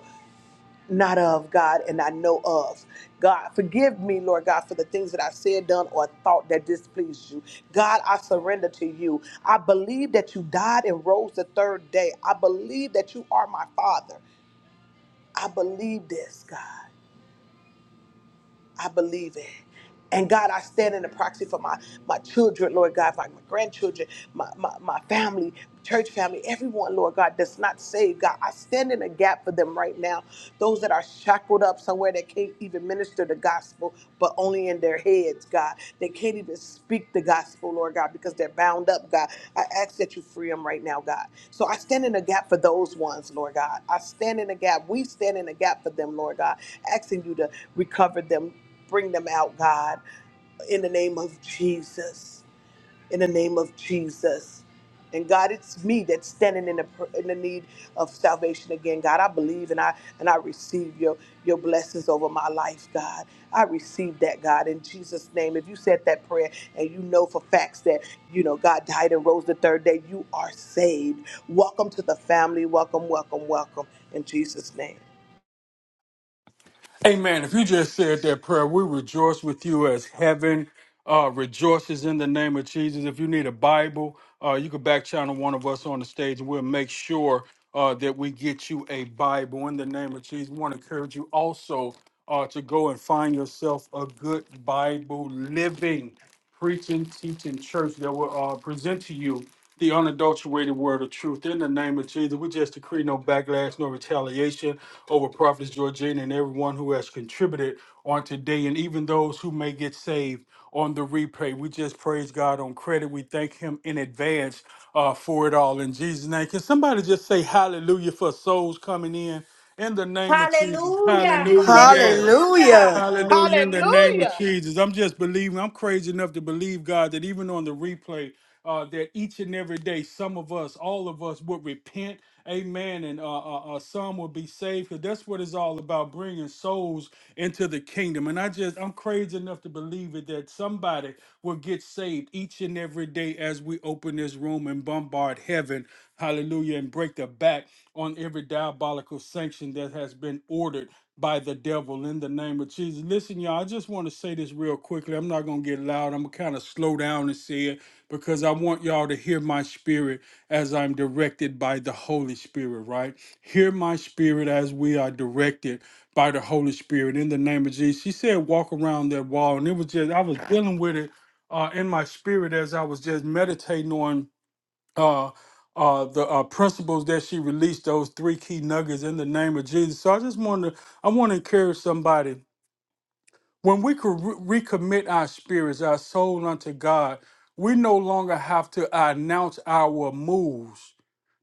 S3: not of God and I know of. God, forgive me, Lord God, for the things that I've said, done, or thought that displeased you. God, I surrender to you. I believe that you died and rose the third day. I believe that you are my Father. I believe this, God. I believe it. And God, I stand in the proxy for my, my children, Lord God, my, my grandchildren, my, my, my family, church family, everyone, Lord God, that's not saved. God, I stand in a gap for them right now. Those that are shackled up somewhere that can't even minister the gospel, but only in their heads, God. They can't even speak the gospel, Lord God, because they're bound up, God. I ask that you free them right now, God. So I stand in a gap for those ones, Lord God. I stand in a gap. We stand in a gap for them, Lord God, asking you to recover them, Bring them out, God, in the name of Jesus. In the name of Jesus. And God, it's me that's standing in the in the need of salvation again. God, I believe and I and I receive your your blessings over my life, God. I receive that, God, in Jesus' name. If you said that prayer and you know for facts that you know God died and rose the third day, you are saved. Welcome to the family. Welcome, welcome, welcome in Jesus' name.
S4: Amen. If you just said that prayer, we rejoice with you as heaven uh, rejoices in the name of Jesus. If you need a Bible, uh, you can back channel one of us on the stage and we'll make sure uh, that we get you a Bible in the name of Jesus. We want to encourage you also uh, to go and find yourself a good Bible living preaching, teaching church that will uh, present to you the unadulterated word of truth. In the name of Jesus, we just decree no backlash, no retaliation over Prophets Georgina and everyone who has contributed on today, and even those who may get saved on the replay. We just praise God on credit. We thank Him in advance uh, for it all. In Jesus' name, can somebody just say hallelujah for souls coming in? In the name of Jesus,
S2: Hallelujah.
S4: hallelujah. Yes.
S2: Hallelujah.
S1: Hallelujah.
S4: Hallelujah. In the name of
S3: Hallelujah.
S4: Jesus. I'm just believing. I'm crazy enough to believe, God, that even on the replay, uh, that each and every day, some of us, all of us would repent. Amen. And uh, uh, uh, some will be saved because that's what it's all about bringing souls into the kingdom. And I just, I'm crazy enough to believe it that somebody will get saved each and every day as we open this room and bombard heaven. Hallelujah. And break the back on every diabolical sanction that has been ordered by the devil in the name of Jesus. Listen, y'all, I just want to say this real quickly. I'm not going to get loud. I'm going to kind of slow down and say it because I want y'all to hear my spirit as I'm directed by the Holy Spirit, right? Hear my spirit as we are directed by the Holy Spirit in the name of Jesus. She said, walk around that wall. And it was just, I was dealing with it uh, in my spirit as I was just meditating on uh, uh, the uh, principles that she released, those three key nuggets in the name of Jesus. So I just want to, I want to encourage somebody when we could re- recommit our spirits, our soul unto God, we no longer have to announce our moves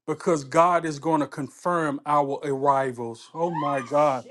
S4: because God is going to confirm our arrivals. Oh my God.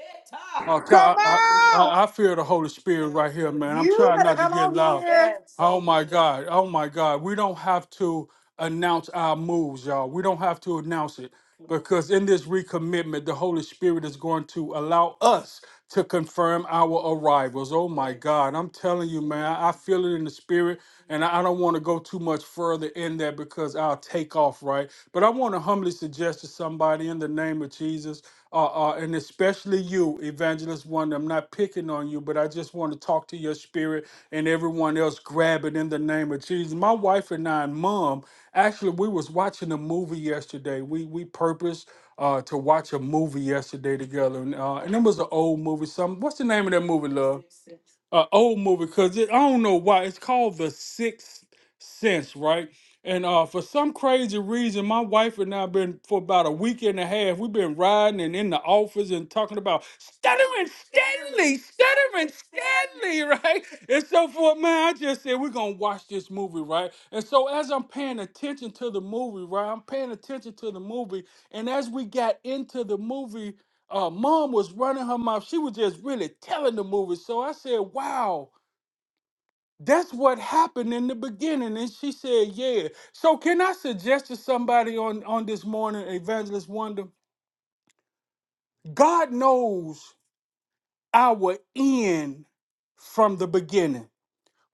S4: Okay,
S3: Come
S4: I, I,
S3: on.
S4: I I feel the Holy Spirit right here, man.
S2: You
S4: I'm trying not to
S2: come
S4: get
S2: on
S4: loud.
S2: here.
S4: Oh my God. Oh my God. We don't have to announce our moves, y'all. We don't have to announce it. Because in this recommitment, the Holy Spirit is going to allow us to confirm our arrivals. Oh my God, I'm telling you, man, I I feel it in the spirit, and I I don't want to go too much further in that because I'll take off, right? But I want to humbly suggest to somebody in the name of Jesus, uh, uh, and especially you, Evangelist Wonder, I'm not picking on you, but I just want to talk to your spirit and everyone else grab it in the name of Jesus. My wife and I, and mom, Actually, we was watching a movie yesterday. We we purposed uh, to watch a movie yesterday together, and, uh, and it was an old movie. Some what's the name of that movie, love? An old movie, cause it, I don't know why it's called The Sixth Sense, right? And uh, for some crazy reason, my wife and I been for about a week and a half. We've been riding and in the office and talking about stuttering Stanley, stuttering Stanley, right? And so forth. Man, I just said we're gonna watch this movie, right? And so as I'm paying attention to the movie, right? I'm paying attention to the movie, and as we got into the movie, uh, mom was running her mouth. She was just really telling the movie. So I said, "Wow." That's what happened in the beginning. And she said, Yeah. So, can I suggest to somebody on, on this morning, Evangelist Wonder? God knows our end from the beginning.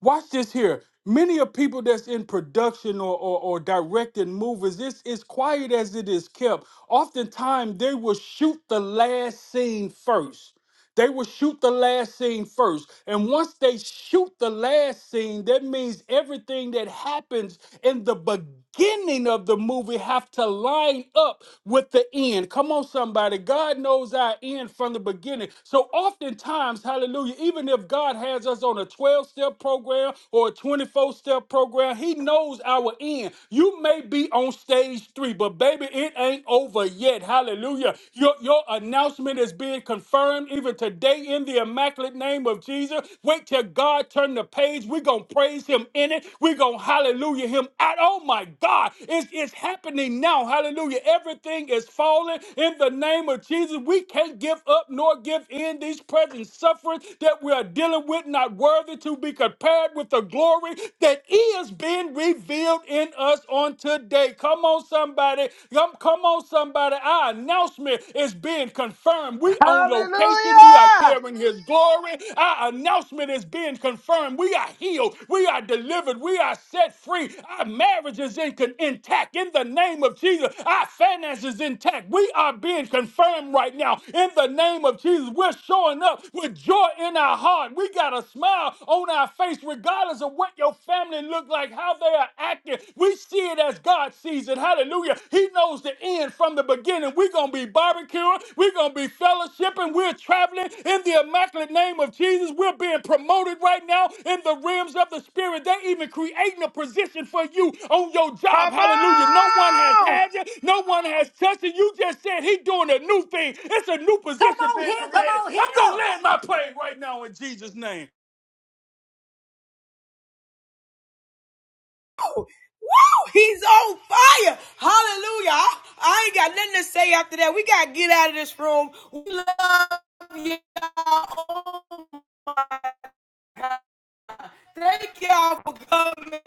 S4: Watch this here. Many of people that's in production or, or, or directing movies, it's as quiet as it is kept. Oftentimes, they will shoot the last scene first. They will shoot the last scene first. And once they shoot the last scene, that means everything that happens in the beginning of the movie have to line up with the end. Come on, somebody. God knows our end from the beginning. So oftentimes, hallelujah, even if God has us on a 12 step program or a 24 step program, He knows our end. You may be on stage three, but baby, it ain't over yet. Hallelujah. Your, your announcement is being confirmed even today in the immaculate name of Jesus. Caesar. Wait till God turn the page. We're going to praise him in it. We're going to hallelujah him out. Oh my God, it's, it's happening now. Hallelujah. Everything is falling in the name of Jesus. We can't give up nor give in these present sufferings that we are dealing with, not worthy to be compared with the glory that is being revealed in us on today. Come on, somebody. Come, come on, somebody. I announce glory is being confirmed. We on location. We are
S3: Hallelujah!
S4: carrying his glory. Our announcement is being confirmed. We are healed. We are delivered. We are set free. Our marriage is in, intact in the name of Jesus. Our finances intact. We are being confirmed right now in the name of Jesus. We're showing up with joy in our heart. We got a smile on our face regardless of what your family look like, how they are acting. We see it as God sees it. Hallelujah. He knows the end from the beginning. We're going to be barbecuing. We're going to be fellowshipping. We're traveling in the immaculate name of Jesus. We're being promoted right now in the realms of the Spirit. They're even creating a position for you on your job.
S3: Come
S4: Hallelujah. No one has
S3: on!
S4: had you. No one has touched you. You just said He's doing a new thing. It's a new
S2: Come
S4: position
S2: on
S4: being
S2: here. Come
S4: created.
S2: on
S4: I'm going to
S2: here.
S4: land my plane right now in Jesus' name.
S1: Woo, He's on fire. Hallelujah. I, I ain't got nothing to say after that. We got to get out of this room. We love y'all. Oh, my God. Thank y'all for coming.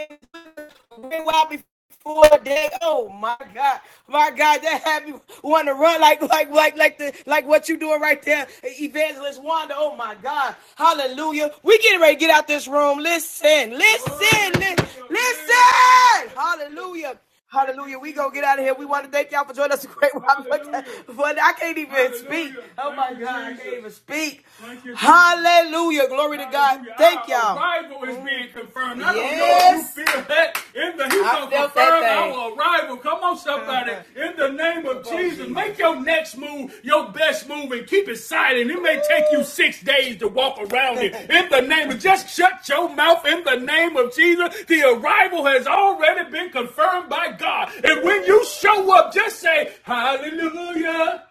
S1: Been wild before day. Oh my God, my God, that had me want to run like like like like the like what you doing right there, Evangelist Wanda. Oh my God, Hallelujah. We getting ready to get out this room. Listen, listen, li- listen. Hallelujah. Hallelujah. We gonna get out of here. We want to thank y'all for joining us. A great while. But, I can't even Hallelujah. speak. Oh my thank God, Jesus. I can't even speak. Hallelujah. Hallelujah. Glory Hallelujah. to God. Thank our y'all. arrival is being confirmed. I yes. don't know if you yes. feel that in the He's I gonna felt that confirm our arrival. Come on, somebody. Uh-huh. In in the name of Jesus, make your next move your best move and keep it silent. It may take you six days to walk around it. In the name of just shut your mouth in the name of Jesus. The arrival has already been confirmed by God. And when you show up, just say, Hallelujah.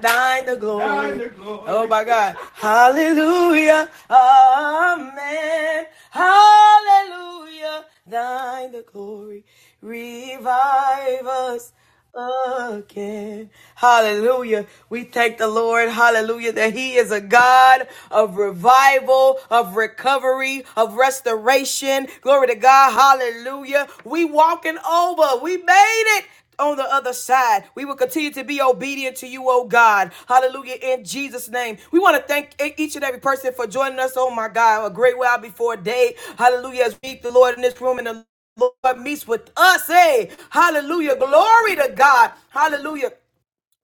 S1: Thine the glory. Thine the glory. Oh my God. Hallelujah. Amen. Hallelujah. Thine the glory. Revive us again. Hallelujah. We thank the Lord. Hallelujah. That He is a God of revival, of recovery, of restoration. Glory to God. Hallelujah. We walking over. We made it on the other side. We will continue to be obedient to you, oh God. Hallelujah. In Jesus' name. We want to thank e- each and every person for joining us. Oh my God. A great while before day. Hallelujah. As we meet the Lord in this room and the Lord meets with us. Hey. Hallelujah. Glory to God. Hallelujah.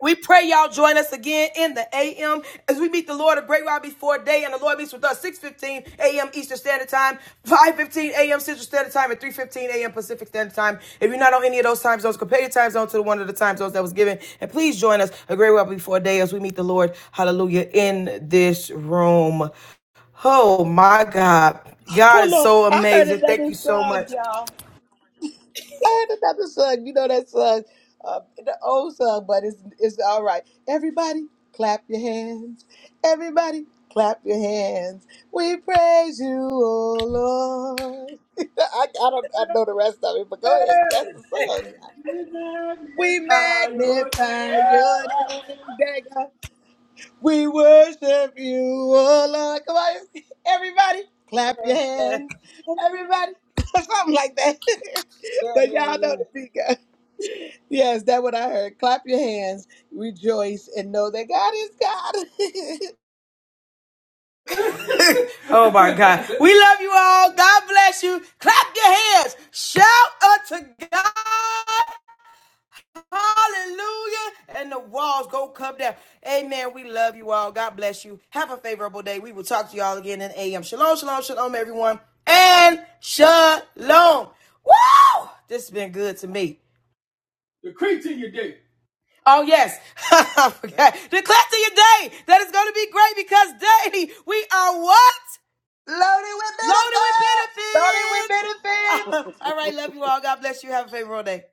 S1: We pray y'all join us again in the AM as we meet the Lord a great while before day, and the Lord meets with us 6:15 AM Eastern Standard Time, 5:15 AM Central Standard Time, and 3:15 AM Pacific Standard Time. If you're not on any of those time zones, compare your time zone to the one of the time zones that was given, and please join us a great while before day as we meet the Lord. Hallelujah in this room. Oh my God, God
S3: Pull
S1: is
S3: up.
S1: so
S3: I heard
S1: amazing. Thank
S3: another
S1: you so
S3: song,
S1: much.
S3: y'all. I heard another song. You know that song, uh, the old song, but it's it's all right. Everybody, clap your hands. Everybody, clap your hands. We praise you, oh Lord. I, I don't I know the rest of it, but go ahead. That's the song. We magnify your name. We worship you, oh Lord. Come on, everybody, clap your hands. Everybody, something like that. but y'all know the beat goes. Yes, that's what I heard. Clap your hands, rejoice, and know that God is God.
S1: Oh my God. We love you all. God bless you. Clap your hands. Shout unto God. Hallelujah. And the walls go come down. Amen. We love you all. God bless you. Have a favorable day. We will talk to y'all again in AM. Shalom, shalom, shalom, everyone. And shalom. Woo! This has been good to me. Decree to your day. Oh yes, I forgot. Declare to your day that it's going to be great because day we are what?
S5: Loaded with
S1: Loaded with
S5: benefits.
S3: Loaded with benefits.
S1: benefits. all right. Love you all. God bless you. Have a favorable day.